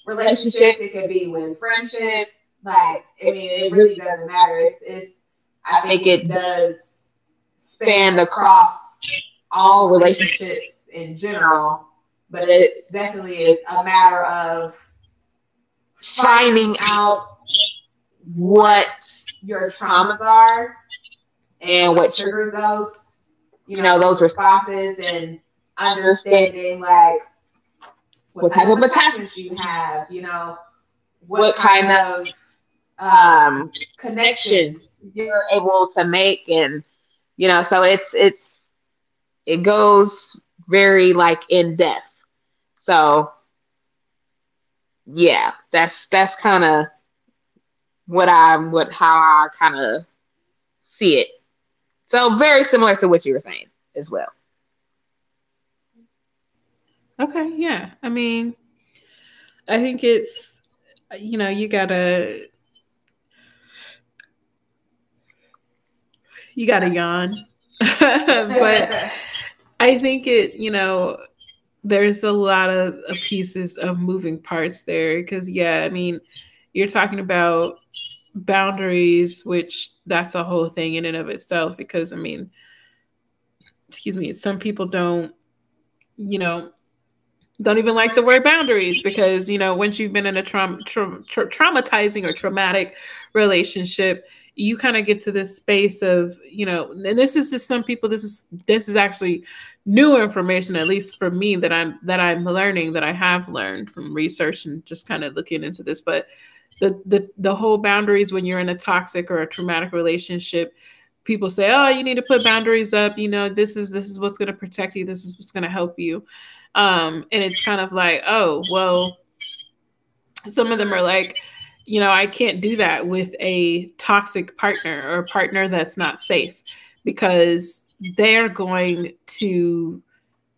Speaker 2: relationships,
Speaker 1: relationships,
Speaker 2: it
Speaker 1: it
Speaker 2: could
Speaker 1: can
Speaker 2: be
Speaker 1: be
Speaker 2: with
Speaker 1: with
Speaker 2: friendships.
Speaker 1: friendships.
Speaker 2: Like,
Speaker 1: Like,
Speaker 2: I
Speaker 1: I
Speaker 2: mean,
Speaker 1: mean,
Speaker 2: it
Speaker 1: it
Speaker 2: really
Speaker 1: really
Speaker 2: doesn't
Speaker 1: doesn't
Speaker 2: matter.
Speaker 1: matter. It's, I
Speaker 2: I think
Speaker 1: think
Speaker 2: it
Speaker 1: it
Speaker 2: does
Speaker 1: does
Speaker 2: span
Speaker 1: span
Speaker 2: across
Speaker 1: across
Speaker 2: all
Speaker 1: all
Speaker 2: relationships
Speaker 1: relationships in
Speaker 2: in
Speaker 1: general,
Speaker 2: general, but
Speaker 1: but
Speaker 2: it
Speaker 1: it
Speaker 2: definitely
Speaker 1: definitely
Speaker 2: is
Speaker 1: is
Speaker 2: a
Speaker 1: a
Speaker 2: matter
Speaker 1: matter
Speaker 2: of
Speaker 1: of
Speaker 2: finding
Speaker 1: finding
Speaker 2: out
Speaker 1: out
Speaker 2: what
Speaker 1: what
Speaker 2: your
Speaker 1: your traumas
Speaker 2: traumas are
Speaker 1: are
Speaker 2: and
Speaker 1: and
Speaker 2: what
Speaker 1: what
Speaker 2: triggers
Speaker 1: triggers
Speaker 2: those,
Speaker 1: those, you know,
Speaker 2: those
Speaker 1: those
Speaker 2: responses
Speaker 1: responses
Speaker 2: and
Speaker 1: and understanding
Speaker 2: understanding
Speaker 1: like
Speaker 2: like what
Speaker 1: what
Speaker 2: type
Speaker 1: type
Speaker 2: of
Speaker 1: of
Speaker 2: attachments
Speaker 1: attachments you
Speaker 2: you have,
Speaker 1: have,
Speaker 2: you
Speaker 1: you
Speaker 2: know,
Speaker 1: know,
Speaker 2: what
Speaker 1: what
Speaker 2: kind
Speaker 1: kind
Speaker 2: of
Speaker 1: of
Speaker 2: um,
Speaker 1: um,
Speaker 2: connections
Speaker 1: connections
Speaker 2: your
Speaker 1: you're able to make and you know, so it's it goes very like in depth. So yeah, that's kind of what I what how I kind of see it. So very similar to what you were saying as well.
Speaker 2: Okay, yeah. I mean, I think it's you gotta yawn. But I think it, there's a lot of pieces of moving parts there because yeah, I mean, you're talking about boundaries, which that's a whole thing in and of itself because I mean, excuse me, some people don't, you know, don't
Speaker 1: Something of
Speaker 2: even
Speaker 1: them
Speaker 2: like
Speaker 1: like
Speaker 2: the word boundaries because you know once you've been in a traumatizing or traumatic relationship you kind of get to this space of you know, and this is just some people, this is actually new information, at least for me, that I'm learning, that I have learned from research and just kind of looking into this. But the whole boundaries, when you're in a toxic or a traumatic relationship, people say, oh, you need to put boundaries up, you know this is what's going to protect you, this is what's going to help you. And it's kind of like, oh, well, some
Speaker 1: some
Speaker 2: of
Speaker 1: of
Speaker 2: them
Speaker 1: them
Speaker 2: are like,
Speaker 1: is
Speaker 2: I can't do that with a toxic partner or a partner that's not safe because they're going to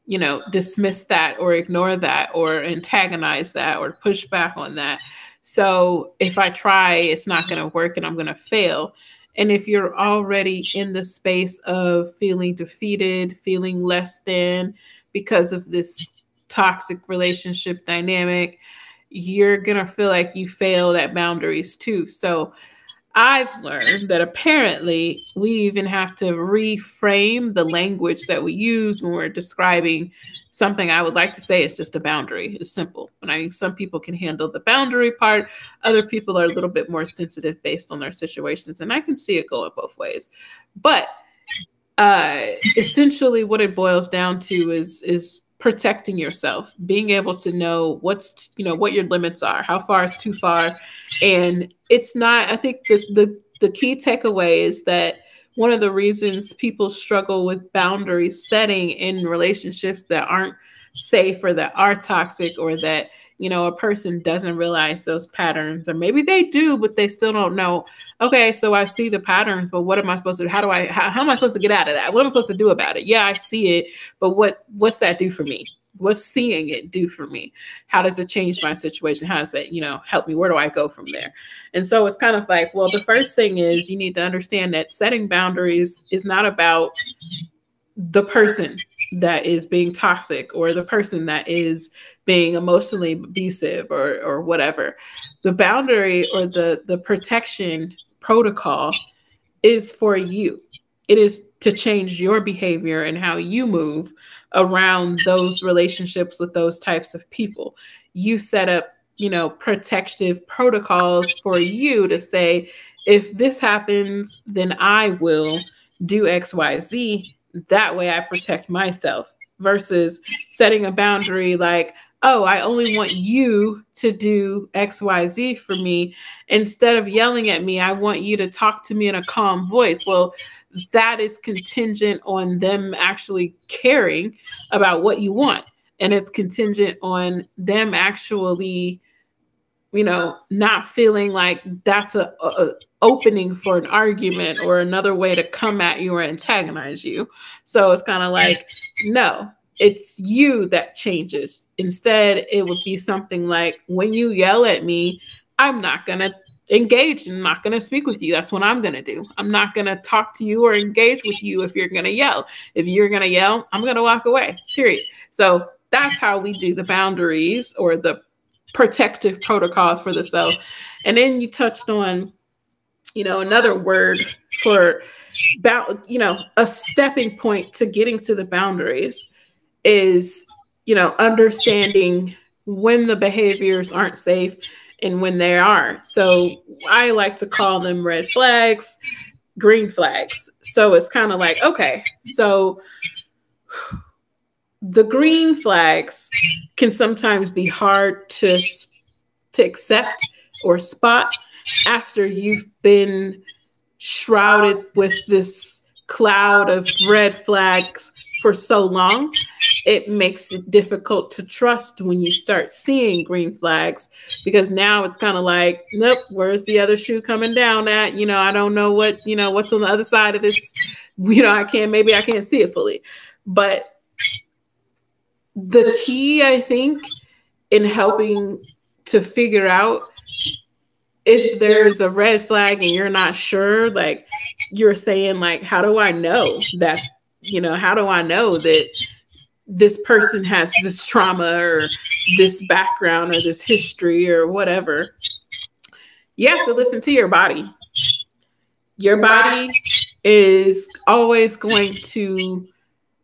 Speaker 2: you know
Speaker 1: just
Speaker 2: dismiss that or ignore that or antagonize that or push back on that. So if I try it's not going to work and I'm going to fail. And if you're already in the space of feeling defeated, feeling less than, because of this toxic relationship dynamic, you're going to feel like you failed at boundaries too. So I've learned that apparently we even have to reframe the language that we use when we're describing something I would like to say it's just a boundary. It's simple. And I mean, some people can handle the boundary part, other people are a little bit more sensitive based on their situations. And I can see it going both ways. But uh essentially what it boils down to is protecting yourself, being able to know you know what your limits are, how far is too far. And it's not, I think the key takeaway is that one of the reasons people struggle with boundary setting in relationships that aren't safe or that are toxic or that you know a person doesn't realize those patterns, or maybe they do but they still don't know. Okay, so I see the patterns, but what am I supposed to? Do? How do I? How am I supposed to get out of that? What am I supposed to do about it? Yeah, I see it, but what's that do for me? What's seeing it do for me? How does it change my situation? How does that you know help me? Where do I go from there? And so it's kind of like, well, the first thing is you need to understand that setting boundaries is not about the
Speaker 1: the person.
Speaker 2: person that is being toxic or the person that is being emotionally abusive or whatever. The boundary or the protection protocol is for you. It is to change your behavior and how you move around those relationships with those types of people. You set up, protective protocols for you to say, if this happens, then I will do XYZ. That way I protect myself, versus setting a boundary like, oh, I only want you to do XYZ for me. Instead of yelling at me, I want you to talk to me in a calm voice. Well, that is contingent on them actually caring about what you want. And it's contingent on them actually not feeling like that's opening for an argument or another way to come at you or antagonize you. So it's kind of like, no, it's you that changes. Instead, it would be something like, when you yell at me, I'm not going to engage and not going to speak with you. That's what I'm going to do. I'm not going to talk to you or engage with you if you're going to yell. If you're going to yell, I'm going to walk away, period. So that's how we do the boundaries or the protective protocols for the self. And then you touched on,
Speaker 1: So
Speaker 2: another
Speaker 1: another
Speaker 2: word for bound, a stepping point to getting to the boundaries is, understanding when the behaviors aren't safe and when they are. So I like to call them red flags, green flags. So it's kind of like, okay, so the green
Speaker 1: degree,
Speaker 2: flags can sometimes be hard to accept or spot after you've been shrouded with this cloud of red flags for so long. It makes it difficult to trust when you start seeing green flags because now it's kind of like, nope, where's the other shoe coming down at? You know, I don't know what, what's on the other side of this. You know, I can't, maybe I can't see it fully. But the key, I think, in helping to figure out if
Speaker 1: if there's
Speaker 2: there's a red flag and you're not sure, like you're saying, like, how do I know that this person has this trauma or this background or this history or whatever? You have to listen to your body. Your
Speaker 1: your body, got,
Speaker 2: body is always going to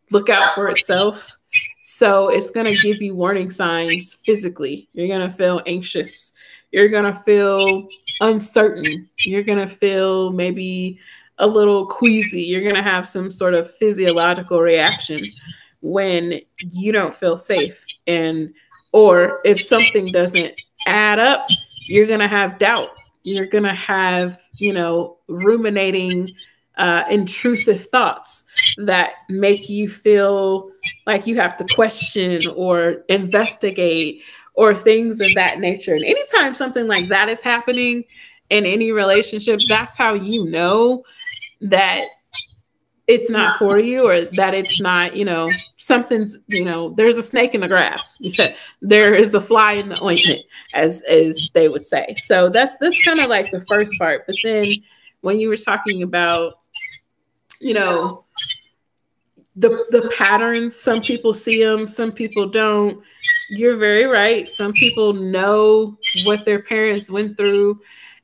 Speaker 2: look out for itself. So it's going to give you warning signs physically. You're going to feel anxious. You're going to feel uncertain. You're going to feel maybe a little queasy. You're going to have some sort of physiological reaction when you don't feel safe and or if something doesn't add up, you're going to have doubt. You're going to have, ruminating intrusive thoughts that make you feel like you have to question or investigate or things of that nature. And anytime something like that is happening in any relationship, that's how you know that it's not for you, or that it's not, you know, something's, you know, there's a snake in the grass. There is a fly in the ointment, as they would say. So that's kind of like the first part. But then when you were talking about, you
Speaker 1: you
Speaker 2: know,
Speaker 1: know,
Speaker 2: the patterns, some people see them, some people don't. You're very right. Some people know what their parents went through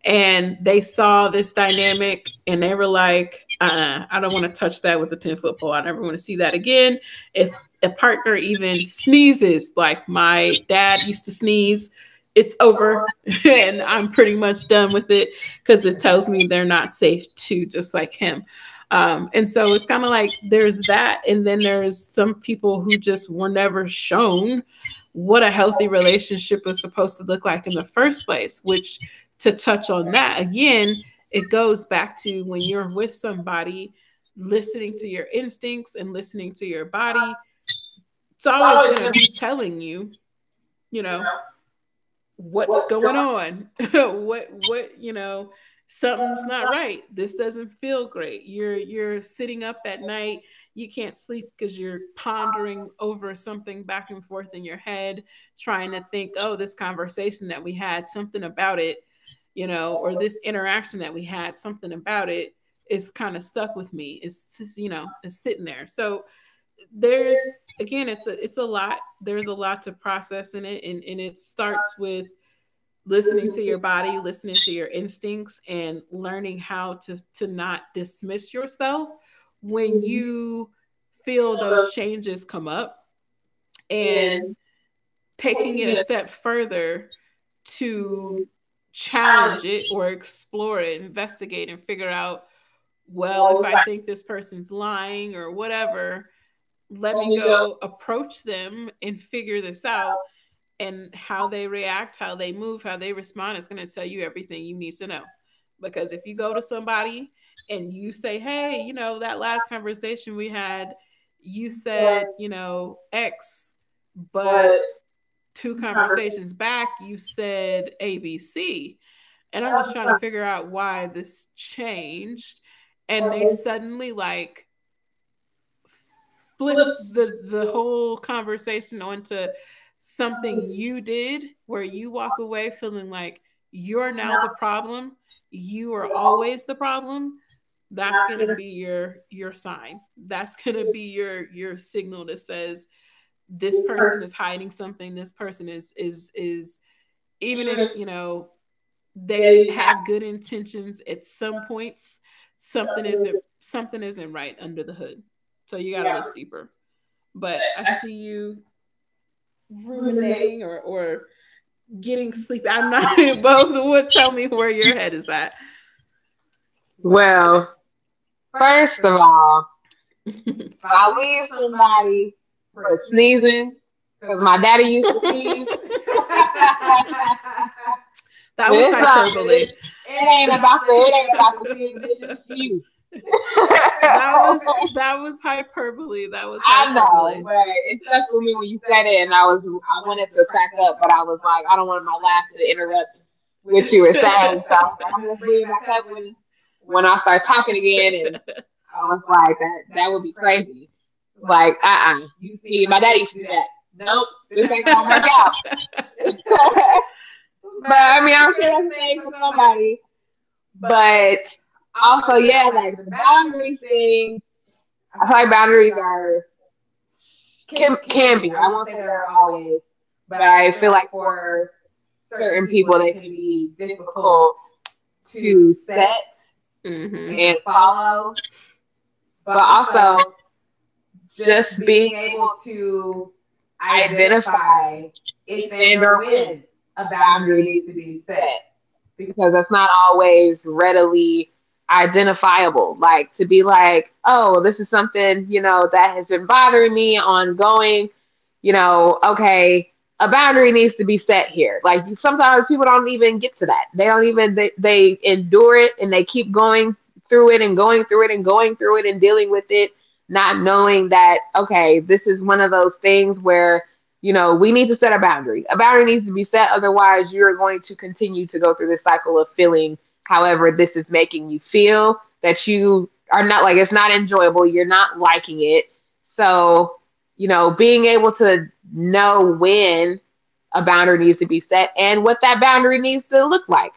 Speaker 2: and they saw this dynamic, and they were like, uh-uh, I don't want to touch that with a 10-foot pole. I never want to see that again. If a partner even sneezes like my dad used to sneeze, it's over and I'm pretty much done with it because it tells me they're not safe too, just like him. And so it's kind of like there's that, and then there's some people who just were never shown what a healthy relationship is supposed to look like in the first place, which, to touch on that again, it goes back to when you're with somebody. Listening to your instincts and listening to your body, it's always
Speaker 1: it's
Speaker 2: going to be
Speaker 1: always
Speaker 2: telling you, you know, what's
Speaker 1: what's going
Speaker 2: going
Speaker 1: on
Speaker 2: on. What you know Something's not right. This doesn't feel great. You're sitting up at night. You can't sleep because you're pondering over something back and forth in your head, trying to think, oh, this conversation that we had, something about it, or this interaction that we had, something about it, is kind of stuck with me. It's just, it's sitting there. So there's, again, it's a lot, there's a lot to process in it, and it starts with listening
Speaker 1: listening
Speaker 2: to
Speaker 1: to
Speaker 2: your body, listening to your instincts, and learning how to not dismiss yourself when
Speaker 1: you music
Speaker 2: you feel those
Speaker 1: of
Speaker 2: changes come up, and
Speaker 1: and
Speaker 2: taking it a
Speaker 1: taking it
Speaker 2: step further to
Speaker 1: to
Speaker 2: challenge it
Speaker 1: challenge.
Speaker 2: or explore it, investigate and figure out, well,
Speaker 1: Well,
Speaker 2: if I
Speaker 1: if
Speaker 2: think this person's lying or whatever, let
Speaker 1: I
Speaker 2: me
Speaker 1: let me go,
Speaker 2: go approach them and figure this out. And how they react, how they move, how they respond is going to tell you everything you need to know. Because if you go to somebody and you say, "Hey, that last conversation we had, you said, X, but
Speaker 1: but
Speaker 2: two
Speaker 1: conversation,
Speaker 2: conversations back you said ABC." And I'm just trying to figure out why this changed, and they suddenly, like, flip the whole conversation onto something you did, where you walk away feeling like you're now the problem, you are always the problem. That's going to be your sign. That's going to be your signal that says this person is hiding something, this person is, even
Speaker 1: even
Speaker 2: if
Speaker 1: if
Speaker 2: you know they
Speaker 1: they
Speaker 2: have good intentions at some points,
Speaker 1: have
Speaker 2: something
Speaker 1: something
Speaker 2: isn't,
Speaker 1: to
Speaker 2: something isn't right under the hood. So you got
Speaker 1: figure
Speaker 2: to look
Speaker 1: out,
Speaker 2: deeper.
Speaker 1: but
Speaker 2: But I
Speaker 1: I
Speaker 2: see you ruminating, or getting sleepy. I'm not above the wood. Tell me where your head is at. Well,
Speaker 1: well,
Speaker 2: first
Speaker 1: first
Speaker 2: of
Speaker 1: of
Speaker 2: all,
Speaker 1: all, if
Speaker 2: if I
Speaker 1: I
Speaker 2: leave
Speaker 1: leave
Speaker 2: somebody
Speaker 1: somebody
Speaker 2: for
Speaker 1: for
Speaker 2: sneezing,
Speaker 1: sneezing,
Speaker 2: because
Speaker 1: because
Speaker 2: my
Speaker 1: my daddy
Speaker 2: daddy used
Speaker 1: used
Speaker 2: to
Speaker 1: to
Speaker 2: sneeze.
Speaker 1: sneeze.
Speaker 2: That was
Speaker 1: It's
Speaker 2: hyperbole. It it
Speaker 1: it
Speaker 2: ain't
Speaker 1: ain't about
Speaker 2: about the
Speaker 1: the it ain't about the
Speaker 2: season.
Speaker 1: sneeze,
Speaker 2: It's
Speaker 1: it's just
Speaker 2: just you.
Speaker 1: you.
Speaker 2: That was that was hyperbole. That was I
Speaker 1: I
Speaker 2: hyperbole. I know,
Speaker 1: know, but
Speaker 2: but it
Speaker 1: it
Speaker 2: stuck
Speaker 1: stuck
Speaker 2: with
Speaker 1: with
Speaker 2: me
Speaker 1: me
Speaker 2: when
Speaker 1: when
Speaker 2: you
Speaker 1: you
Speaker 2: said
Speaker 1: said
Speaker 2: it,
Speaker 1: it,
Speaker 2: and
Speaker 1: and I
Speaker 2: I wanted
Speaker 1: wanted
Speaker 2: to
Speaker 1: to crack
Speaker 2: crack up,
Speaker 1: up,
Speaker 2: but
Speaker 1: but
Speaker 2: I
Speaker 1: I
Speaker 2: was
Speaker 1: was
Speaker 2: like,
Speaker 1: like,
Speaker 2: I
Speaker 1: I
Speaker 2: don't
Speaker 1: don't
Speaker 2: want
Speaker 1: want
Speaker 2: my
Speaker 1: my
Speaker 2: laugh
Speaker 1: laugh
Speaker 2: to
Speaker 1: to
Speaker 2: interrupt
Speaker 1: interrupt
Speaker 2: with
Speaker 1: what you
Speaker 2: you
Speaker 1: were saying, so I was
Speaker 2: saying. So I was like,
Speaker 1: like,
Speaker 2: I'm
Speaker 1: I'm
Speaker 2: gonna just
Speaker 1: gonna
Speaker 2: bring
Speaker 1: bring
Speaker 2: it
Speaker 1: it
Speaker 2: back
Speaker 1: back up
Speaker 2: up when
Speaker 1: when
Speaker 2: I
Speaker 1: I
Speaker 2: start
Speaker 1: start talking
Speaker 2: talking again.
Speaker 1: again, and.
Speaker 2: And I
Speaker 1: I
Speaker 2: was
Speaker 1: was
Speaker 2: like,
Speaker 1: like, that
Speaker 2: that
Speaker 1: that
Speaker 2: would
Speaker 1: would
Speaker 2: be
Speaker 1: be
Speaker 2: crazy.
Speaker 1: crazy.
Speaker 2: Like,
Speaker 1: Like,
Speaker 2: uh-uh. You
Speaker 1: You
Speaker 2: sneeze.
Speaker 1: see,
Speaker 2: My
Speaker 1: my
Speaker 2: dad
Speaker 1: dad
Speaker 2: used
Speaker 1: used
Speaker 2: to
Speaker 1: to
Speaker 2: do
Speaker 1: do
Speaker 2: that.
Speaker 1: that.
Speaker 2: Nope,
Speaker 1: Nope,
Speaker 2: this
Speaker 1: this
Speaker 2: ain't
Speaker 1: ain't
Speaker 2: gonna
Speaker 1: gonna work
Speaker 2: work out.
Speaker 1: out.
Speaker 2: But
Speaker 1: But
Speaker 2: I
Speaker 1: I
Speaker 2: mean,
Speaker 1: mean,
Speaker 2: I'm
Speaker 1: I'm
Speaker 2: sure
Speaker 1: sure
Speaker 2: that's a
Speaker 1: that's a
Speaker 2: thing
Speaker 1: thing
Speaker 2: for
Speaker 1: for
Speaker 2: somebody.
Speaker 1: somebody.
Speaker 2: But
Speaker 1: But
Speaker 2: also,
Speaker 1: also,
Speaker 2: yeah,
Speaker 1: yeah,
Speaker 2: like
Speaker 1: like
Speaker 2: the
Speaker 1: the
Speaker 2: boundaries
Speaker 1: boundaries
Speaker 2: thing.
Speaker 1: thing.
Speaker 2: I
Speaker 1: I
Speaker 2: feel
Speaker 1: feel
Speaker 2: like
Speaker 1: like
Speaker 2: boundaries
Speaker 1: boundaries
Speaker 2: are
Speaker 1: are can
Speaker 2: can
Speaker 1: can
Speaker 2: be.
Speaker 1: be.
Speaker 2: I
Speaker 1: I
Speaker 2: won't
Speaker 1: won't
Speaker 2: say
Speaker 1: say
Speaker 2: they're
Speaker 1: they're
Speaker 2: always,
Speaker 1: always,
Speaker 2: but
Speaker 1: but
Speaker 2: I
Speaker 1: I
Speaker 2: feel
Speaker 1: feel like
Speaker 2: like for
Speaker 1: for
Speaker 2: certain
Speaker 1: certain
Speaker 2: people
Speaker 1: people,
Speaker 2: they
Speaker 1: they
Speaker 2: can
Speaker 1: can
Speaker 2: be
Speaker 1: be
Speaker 2: difficult
Speaker 1: difficult
Speaker 2: to
Speaker 1: to set
Speaker 2: set, Mm-hmm, and
Speaker 1: and
Speaker 2: follow.
Speaker 1: follow.
Speaker 2: But
Speaker 1: But also,
Speaker 2: also
Speaker 1: just
Speaker 2: just
Speaker 1: being
Speaker 2: being able to
Speaker 1: able identify
Speaker 2: identify if
Speaker 1: if
Speaker 2: and
Speaker 1: and
Speaker 2: or
Speaker 1: or
Speaker 2: when
Speaker 1: when
Speaker 2: a
Speaker 1: a
Speaker 2: boundary
Speaker 1: boundary
Speaker 2: needs
Speaker 1: needs
Speaker 2: to
Speaker 1: to
Speaker 2: be
Speaker 1: be set
Speaker 2: set, because
Speaker 1: because that's not always readily identifiable. Like to be like, oh, this is something, you know, that has been bothering me ongoing, you know, okay, a boundary needs to be set here. Like you, sometimes people don't even get to that. They don't even, they endure it and they keep going through it and going through it and going through it and dealing with it, not knowing that, okay, this is one of those things where you know, we need to set a boundary. A boundary needs to be set. Otherwise, you're going to continue to go through this cycle of feeling however this is making you feel that you are not like it's not enjoyable. You're not liking it. So, being able to know when a boundary needs to be set and what that boundary needs to look like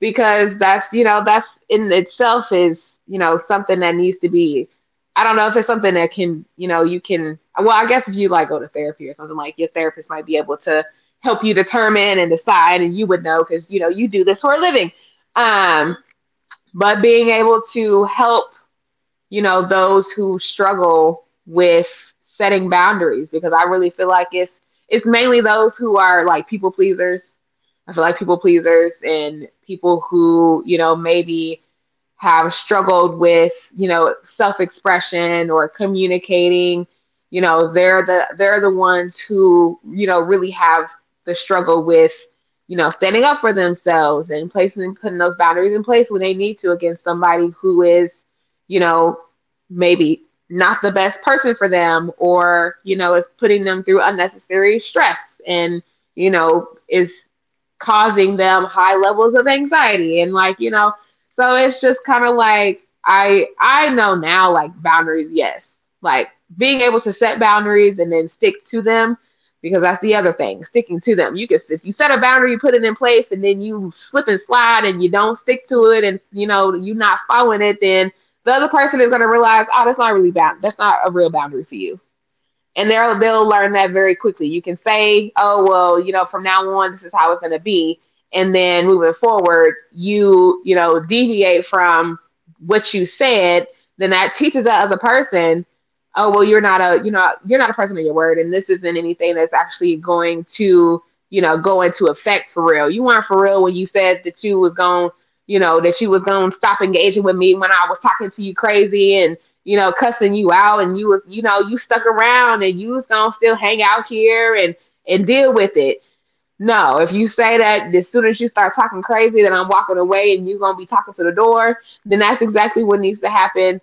Speaker 1: because that's in itself is something that needs to be. I don't know if it's something that can, you can, well I guess if you like go to therapy or something, like your therapist might be able to help you determine and decide, and you would know because you know you do this for a living. um, but being able to help, those who struggle with setting boundaries, because I really feel like it's mainly those who are like people pleasers. I feel like people pleasers and people who, maybe have struggled with, self-expression or communicating, they're the ones who, really have the struggle with, standing up for themselves and placing putting those boundaries in place when they need to, against somebody who is, you know, maybe not the best person for them, or, is putting them through unnecessary stress and, is causing them high levels of anxiety and like. So it's just kind of like, I know now, like, boundaries, yes, like, being able to set boundaries and then stick to them, because that's the other thing, sticking to them. You can, if you set a boundary, you put it in place, and then you slip and slide and you don't stick to it and you're not following it, then the other person is going to realize, oh, that's not a real boundary for you, and they'll learn that very quickly. You can say, "Oh well, you know, from now on, this is how it's going to be," and then moving forward, you know deviate from what you said. Then that teaches the other person, "Oh well, you're not a you're not a person of your word, and this isn't anything that's actually going to go into effect for real. You weren't for real when you said that you was going." You know that you was gonna stop engaging with me when I was talking to you crazy, and, you know, cussing you out, and you was, you know, you stuck around and you was gonna still hang out here and deal with it. No, if you say that as soon as you start talking crazy, then I'm walking away and you're gonna be talking to the door, then that's exactly what needs to happen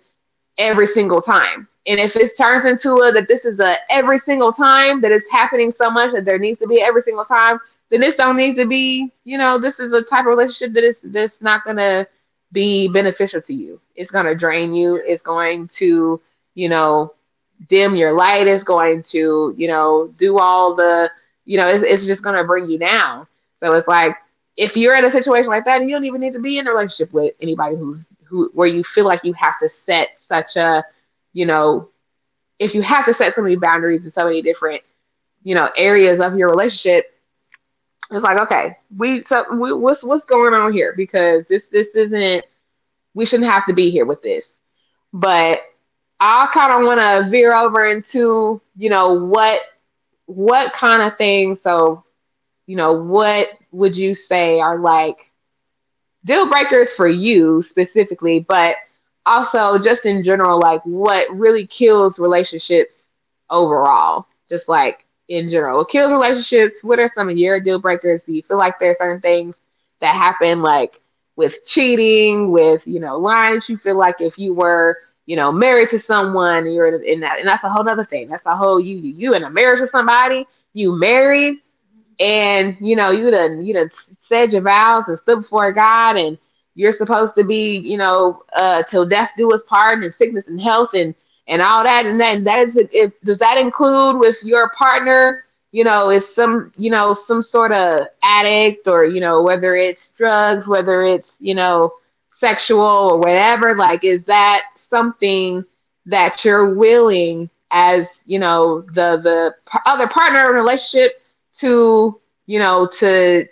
Speaker 1: every single time. And if it turns into a that this is a every single time, that it's happening so much that there needs to be every single time, then this don't need to be. You know, this is a type of relationship that is that's not gonna be beneficial to you. It's gonna drain you. It's going to, you know, dim your light. It's going to, do all the, it's just going to bring you down. So it's like, if you're in a situation like that, and you don't even need to be in a relationship with anybody who where you feel like you have to set such a, you know, if you have to set so many boundaries in so many different, areas of your relationship. It's like, okay, what's going on here, because this isn't, we shouldn't have to be here with this. But I kind of want to veer over into what kind of things, so, what would you say are like deal breakers for you specifically, but also just in general, like, what really kills relationships overall, just like in general, what kills relationships. What are some of your deal breakers? Do you feel like there are certain things that happen, like with cheating, with lines? You feel like if you were, married to someone, you're in that, and that's a whole other thing. That's a whole, you in a marriage with somebody, you married, and you done said your vows and stood before God, and you're supposed to be, till death do us part, and sickness and health, and all that, and then that is, if, does that include with your partner? You know, is some, some sort of addict, or, whether it's drugs, whether it's, sexual or whatever. Like, is that something that you're willing, as the other partner in a relationship, to to,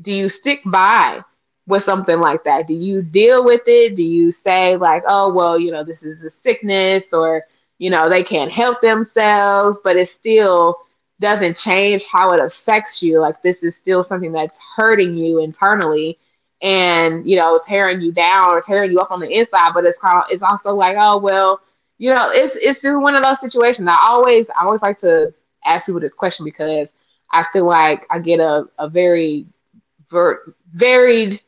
Speaker 1: do you stick by with something like that? Do you deal with it? Do you say like, oh well, you know, this is a sickness, or, you know, they can't help themselves, but it still doesn't change how it affects you. Like, this is still something that's hurting you internally and, you know, tearing you down or tearing you up on the inside, but it's kind of, it's also like, oh well, you know, it's just one of those situations. I always like to ask people this question because I feel like I get a, very varied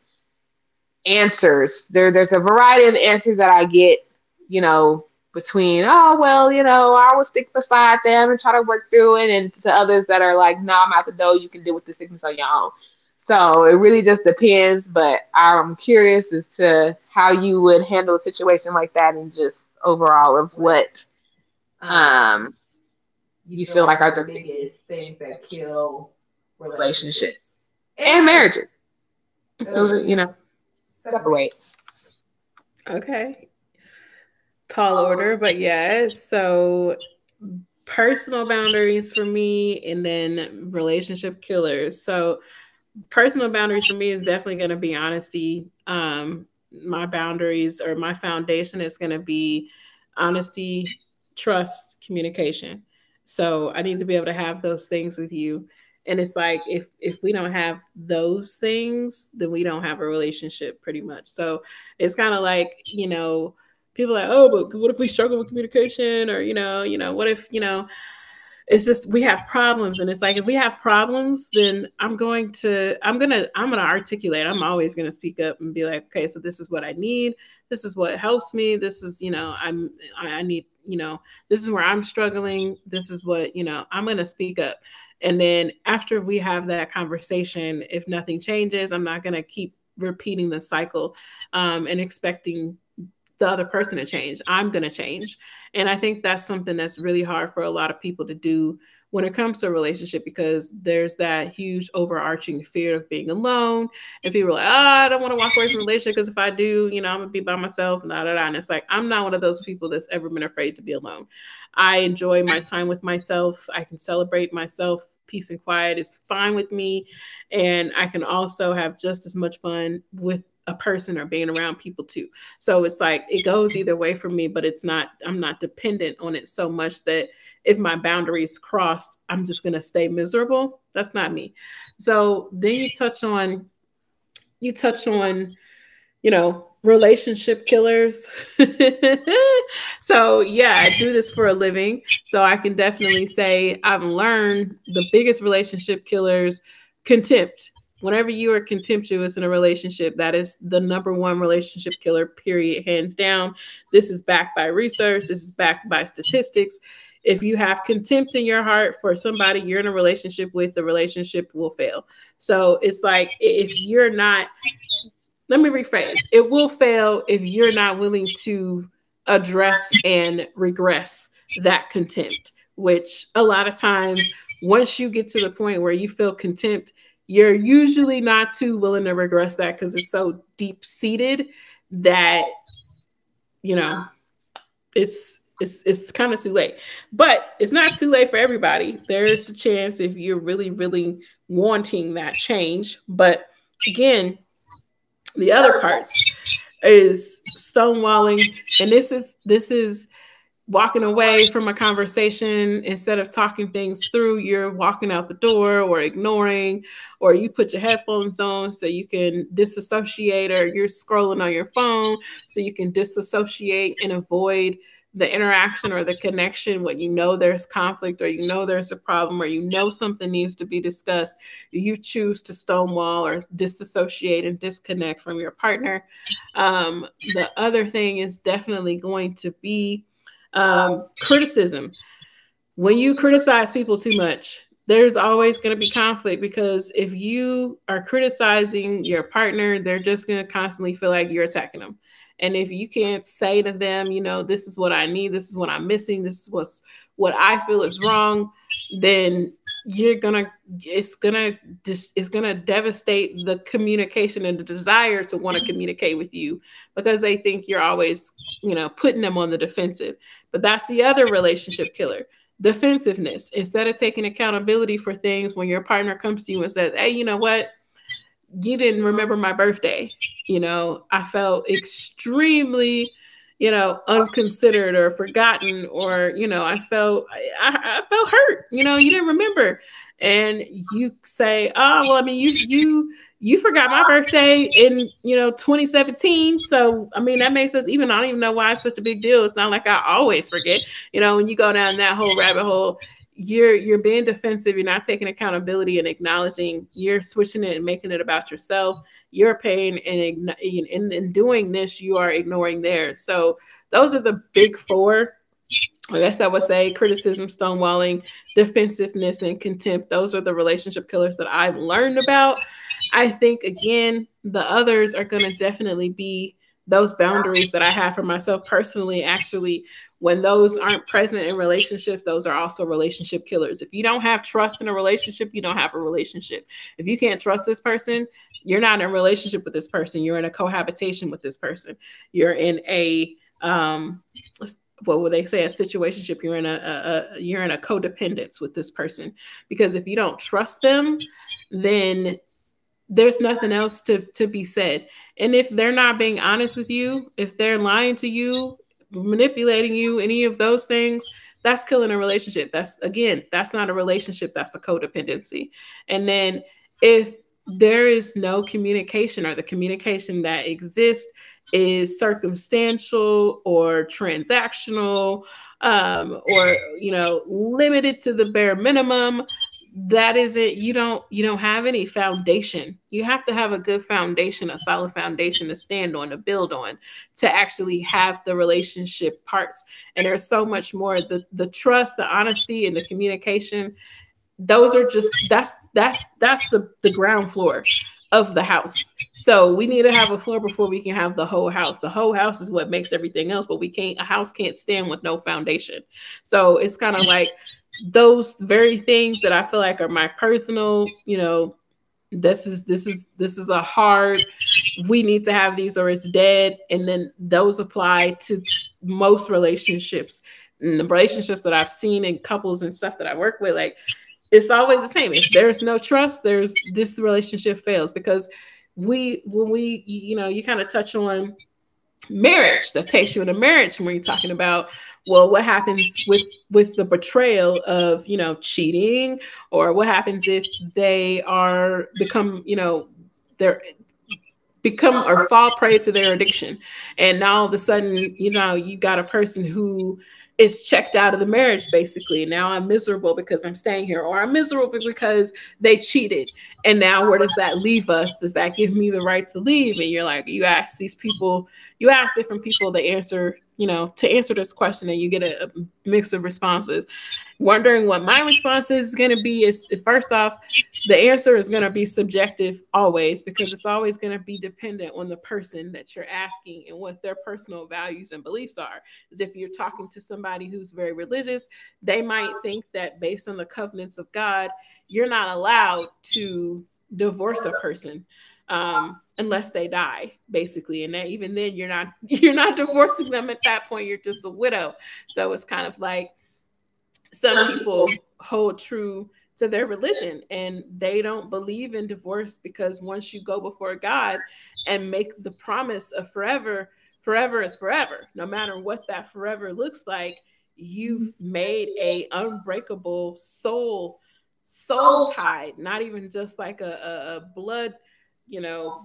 Speaker 1: answers. There's a variety of answers that I get, you know, between, oh, well, you know, I will stick beside them and try to work through it, and to others that are like, no, nah, I'm out the door. You can deal with the sickness on your own. So it really just depends, but I'm curious as to how you would handle a situation like that, and just overall of
Speaker 2: what
Speaker 1: what,
Speaker 2: um,
Speaker 1: um,
Speaker 2: you
Speaker 1: you
Speaker 2: feel
Speaker 1: feel
Speaker 2: like
Speaker 1: like
Speaker 2: are
Speaker 1: are
Speaker 2: the
Speaker 1: the biggest
Speaker 2: biggest things
Speaker 1: things
Speaker 2: that
Speaker 1: that
Speaker 2: kill
Speaker 1: kill relationships
Speaker 2: relationships and
Speaker 1: and
Speaker 2: marriages?
Speaker 1: marriages. Those
Speaker 2: Those,
Speaker 1: are,
Speaker 2: you
Speaker 1: you
Speaker 2: know,
Speaker 1: know, separate.
Speaker 2: separate. Okay. Tall
Speaker 1: All
Speaker 2: order,
Speaker 1: over.
Speaker 2: but yes. So personal boundaries for me, and then relationship killers. So personal boundaries for me is definitely going to be honesty. My boundaries, or my foundation, is going to be honesty, trust, communication. So I need to be able to have those things with you. And it's like, if we don't have those things, then we don't have a relationship pretty much. So it's kind of like, you know, people are like, "Oh, but what if we struggle with communication, or, you know, what if, it's just we have problems," and it's like, if we have problems, then I'm going to articulate. I'm always going to speak up and be like, okay, so this is what I need, this is what helps me, this is, I need, this is where I'm struggling, this is what, I'm going to speak up. And then after we have that conversation, if nothing changes, I'm not going to keep repeating the cycle, and expecting the other person to change. I'm going to change. And I think that's something that's really hard for a lot of people to do when it comes to a relationship because there's that huge overarching fear of being alone. And people are like, oh, I don't want to walk away from a relationship because if I do, I'm going to be by myself. And da, da, da. And it's like, I'm not one of those people that's ever been afraid to be alone. I enjoy my time with myself, I can celebrate myself. Peace and quiet is fine with me. And I can also have just as much fun with a person or being around people too. So it's like it goes either way for me, but it's not, I'm not dependent on it so much that if my boundaries cross, I'm just going to stay miserable. That's not me. So then you touch on, you know, relationship killers. So, yeah, I do this for a living. So, I can definitely say I've learned the biggest relationship killers: contempt. Whenever you are contemptuous in a relationship, that is the number one relationship killer, period, hands down. This is backed by research, this is backed by statistics. If you have contempt in your heart for somebody you're in a relationship with, the relationship will fail. So it's like, if you're not, let me rephrase, it will fail if you're not willing to address and regress that contempt, which a lot of times, once you get to the point where you feel contempt, you're usually not too willing to regress that because it's so deep seated that, you know it's kind of too late. But it's not too late for everybody. There's a chance if you're really, really wanting that change. But again, the other parts is stonewalling. And this is walking away from a conversation instead of talking things through. You're walking out the door, or ignoring, or you put your headphones on so you can disassociate, or you're scrolling on your phone so you can disassociate and avoid the interaction or the connection. When you know there's conflict, or you know there's a problem, or you know something needs to be discussed, you choose to stonewall or disassociate and disconnect from your partner. um, the other thing is definitely going to be, criticism. When you criticize people too much, there's always going to be conflict because if you are criticizing your partner, they're just going to constantly feel like you're attacking them. And if you can't say to them, this is what I need, this is what I'm missing, this is what's what I feel is wrong. Then you're gonna it's gonna just it's gonna devastate the communication and the desire to want to communicate with you, because they think you're always putting them on the defensive. But that's the other relationship killer: defensiveness, instead of taking accountability for things. When your partner comes to you and says, "Hey, you know what, you didn't remember my birthday. You know, I felt extremely, unconsidered or forgotten, or I felt hurt, you didn't remember." And you say, "Oh, well, I mean, you forgot my birthday in 2017, so I mean, that makes us even. I don't even know why it's such a big deal. It's not like I always forget." When you go down that whole rabbit hole, you're being defensive, you're not taking accountability and acknowledging, you're switching it and making it about yourself, your pain. And in doing this, you are ignoring theirs. So those are the big four. Like, I guess I would say criticism, stonewalling, defensiveness, and contempt. Those are the relationship killers that I've learned about. I think, again, the others are going to definitely be those boundaries that I have for myself personally. Actually, when those aren't present in relationships, those are also relationship killers. If you don't have trust in a relationship, you don't have a relationship. If you can't trust this person, you're not in a relationship with this person. You're in a cohabitation with this person. You're in a, um what would they say, a situationship, you're in a you're in a codependence with this person. Because if you don't trust them, then there's nothing else to be said. And if they're not being honest with you, if they're lying to you, manipulating you, any of those things, that's killing a relationship. That's, again, that's not a relationship, that's a codependency. And then, if there is no communication, or the communication that exists is circumstantial or transactional, or limited to the bare minimum, that isn't... you don't have any foundation. You have to have a good foundation, a solid foundation, to stand on, to build on, to actually have the relationship parts. And there's so much more. The trust, the honesty, and the communication — those are just... that's the ground floor of the house. So we need to have a floor before we can have the whole house. The whole house is what makes everything else, but we can't... a house can't stand with no foundation. So it's kind of like, those very things that I feel like are my personal, this is... this is... a hard... we need to have these, or it's dead. And then those apply to most relationships. And the relationships that I've seen in couples and stuff that I work with, like, it's always the same. If there's no trust, there's this relationship fails, because we when we you kind of touch on marriage. That takes you into marriage. When you're talking about, well, what happens with the betrayal of, cheating? Or what happens if they are become you know they're become or fall prey to their addiction? And now all of a sudden, you got a person who is checked out of the marriage. Basically, now I'm miserable because I'm staying here, or I'm miserable because they cheated. And now, where does that leave us? Does that give me the right to leave? And you're like, you ask different people the answer, to answer this question, and you get a mix of responses. Wondering what my response is going to be, is first off, the answer is going to be subjective, always, because it's always going to be dependent on the person that you're asking and what their personal values and beliefs are. As if you're talking to somebody who's very religious, they might think that based on the covenants of God, you're not allowed to divorce a person, unless they die, basically. And that, even then, you're not you're not divorcing them at that point. You're just a widow. So it's kind of like, some people hold true to their religion and they don't believe in divorce, because once you go before God and make the promise of forever, forever is forever. No matter what that forever looks like, you've made a unbreakable soul tie, not even just like a blood, you know,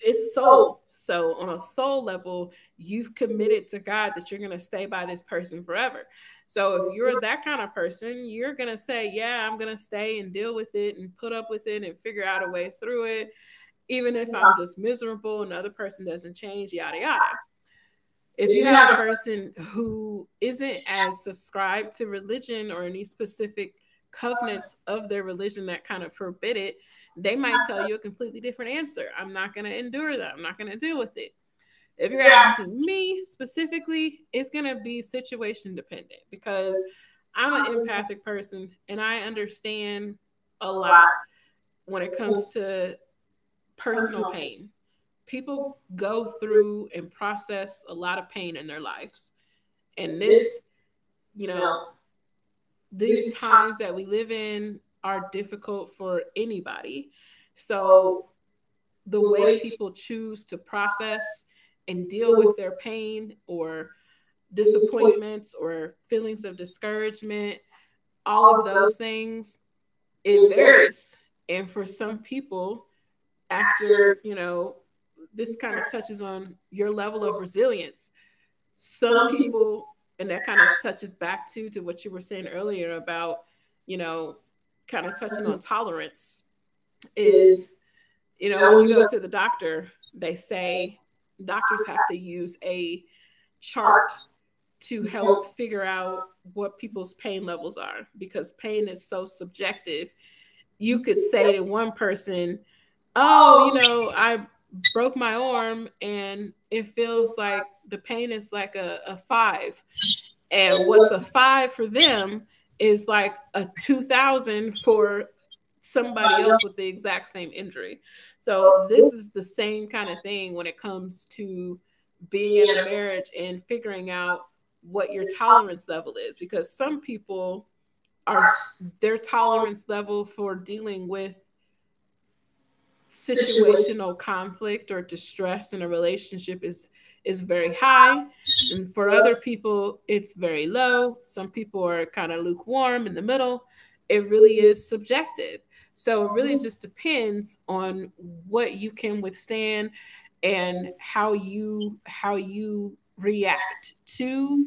Speaker 2: it's soul. So on a soul level, you've committed to God that you're going to stay by this person forever. So if you're that kind of person, you're going to say, "Yeah, I'm going to stay and deal with it and put up with it and figure out a way through it, even if I'm just miserable, another person doesn't change, yada yada." If you have a person who isn't as subscribed to religion or any specific covenants of their religion that kind of forbid it, they might tell you a completely different answer. "I'm not going to endure that. I'm not going to deal with it." If you're asking me specifically, it's going to be situation dependent, because I'm an empathic person and I understand a lot when it comes to personal pain. People go through and process a lot of pain in their lives, and this, you know, these times that we live in are difficult for anybody. So the way people choose to process and deal with their pain, or disappointments, or feelings of discouragement, all of those things, it varies. And for some people, after, this kind of touches on your level of resilience. Some people... and that kind of touches back to what you were saying earlier about, you know kind of touching on tolerance is, when you go to the doctor, they say... doctors have to use a chart to help figure out what people's pain levels are, because pain is so subjective. You could say to one person, "Oh, you know, I broke my arm and it feels like the pain is like a five," and what's a five for them is like a 2000 for somebody else with the exact same injury. So this is the same kind of thing when it comes to being in a marriage and figuring out what your tolerance level is, because some people are... their tolerance level for dealing with situational conflict or distress in a relationship is... is very high, and for other people it's very low. Some people are kind of lukewarm in the middle. It really is subjective. So it really just depends on what you can withstand and how you... how you react to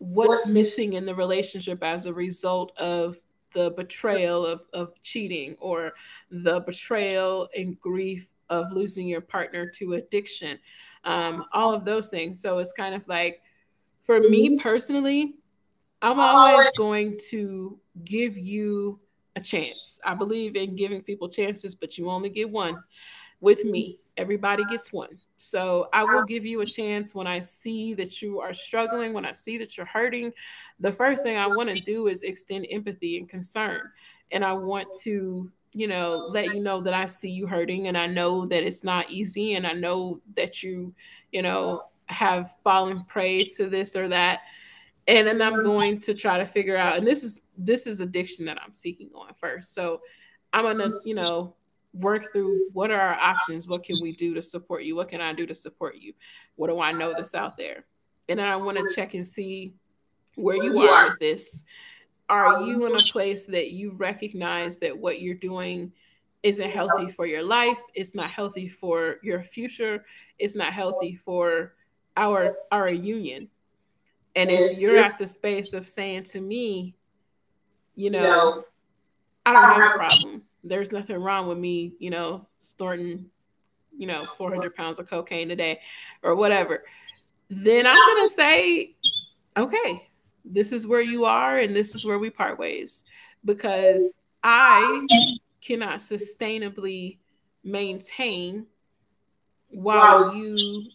Speaker 2: what's missing in the relationship, as a result of the betrayal of cheating, or the betrayal and grief of losing your partner to addiction, all of those things. So it's kind of like, for me personally, I'm always going to give you a chance. I believe in giving people chances, but you only get one with me. Everybody gets one. So I will give you a chance when I see that you are struggling, when I see that you're hurting. The first thing I want to do is extend empathy and concern. And I want to, let you know that I see you hurting and I know that it's not easy and I know that you, you know, have fallen prey to this or that. And then I'm going to try to figure out. And this is... addiction that I'm speaking on first. So I'm gonna, work through: what are our options, what can we do to support you, what can I do to support you, what do I know that's out there. And then I want to check and see where you are with this. Are you in a place that you recognize that what you're doing isn't healthy for your life? It's not healthy for your future. It's not healthy for our union. And if you're at the space of saying to me, you know, "I don't have a problem. There's nothing wrong with me, snorting, 400 pounds of cocaine a day, or whatever," then I'm going to say, "Okay, this is where you are and this is where we part ways, because I cannot sustainably maintain while you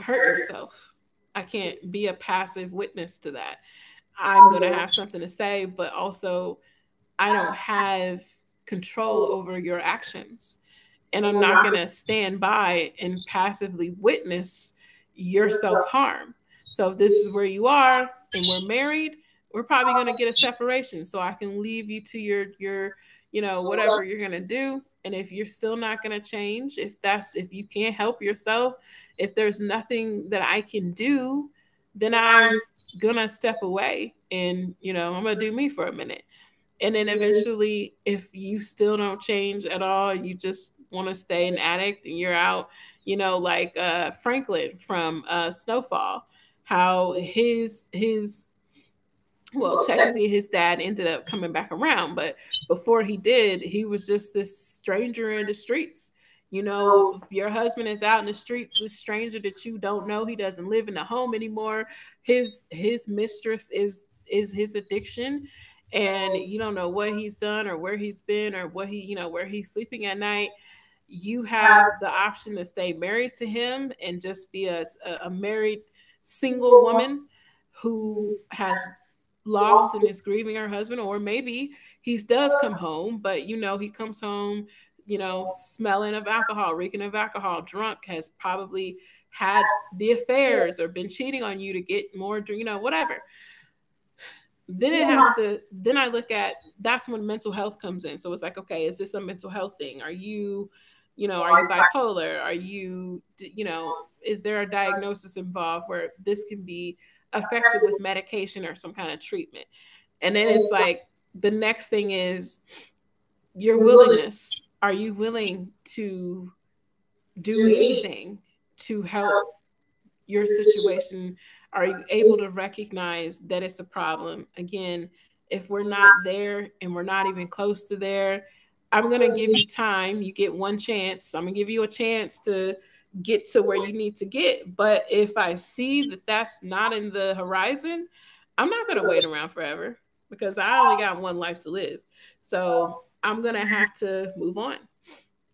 Speaker 2: hurt yourself. I can't be a passive witness to that. I'm going to have something to say, but also, I don't have control over your actions. And I'm not going to stand by and passively witness your self harm." So if this is where you are and we're married, we're probably going to get a separation, so I can leave you to your, whatever you're going to do. And if you're still not going to change, if that's, if you can't help yourself, if there's nothing that I can do, then I'm gonna step away and, you know, I'm gonna do me for a minute. And then eventually, if you still don't change at all, you just want to stay an addict and you're out, you know, like Franklin from Snowfall. How his, well, technically his dad ended up coming back around, but before he did, he was just this stranger in the streets. You know, if your husband is out in the streets, this stranger that you don't know, he doesn't live in a home anymore. His mistress is his addiction. And you don't know what he's done or where he's been or what he, you know, where he's sleeping at night. You have the option to stay married to him and just be a married single woman who has lost and is grieving her husband. Or maybe he does come home, but you know, he comes home, you know, smelling of alcohol, reeking of alcohol, drunk, has probably had the affairs or been cheating on you to get more, you know, whatever. Then it has to, then I look at, that's when mental health comes in. So it's like, okay, is this a mental health thing? Are you, you know, are you bipolar, are you, you know, is there a diagnosis involved where this can be affected with medication or some kind of treatment? And then it's like, the next thing is your willingness. Are you willing to do anything to help your situation? Are you able to recognize that it's a problem? Again, if we're not there and we're not even close to there, I'm going to give you time. You get one chance. I'm going to give you a chance to get to where you need to get. But if I see that that's not in the horizon, I'm not going to wait around forever, because I only got one life to live. So I'm going to have to move on.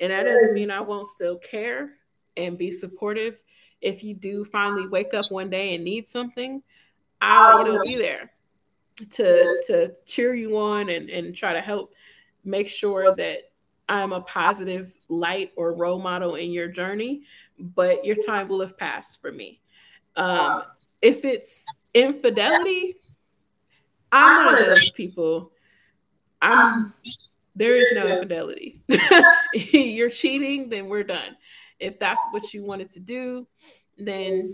Speaker 2: And that doesn't mean I won't still care and be supportive. If you do finally wake up one day and need something, I'll, you know, be there to cheer you on and try to help make sure that I'm a positive light or role model in your journey, but your time will have passed for me. Um, if it's infidelity, I'm one of those people. I'm There is no infidelity. You're cheating, then we're done. If that's what you wanted to do, then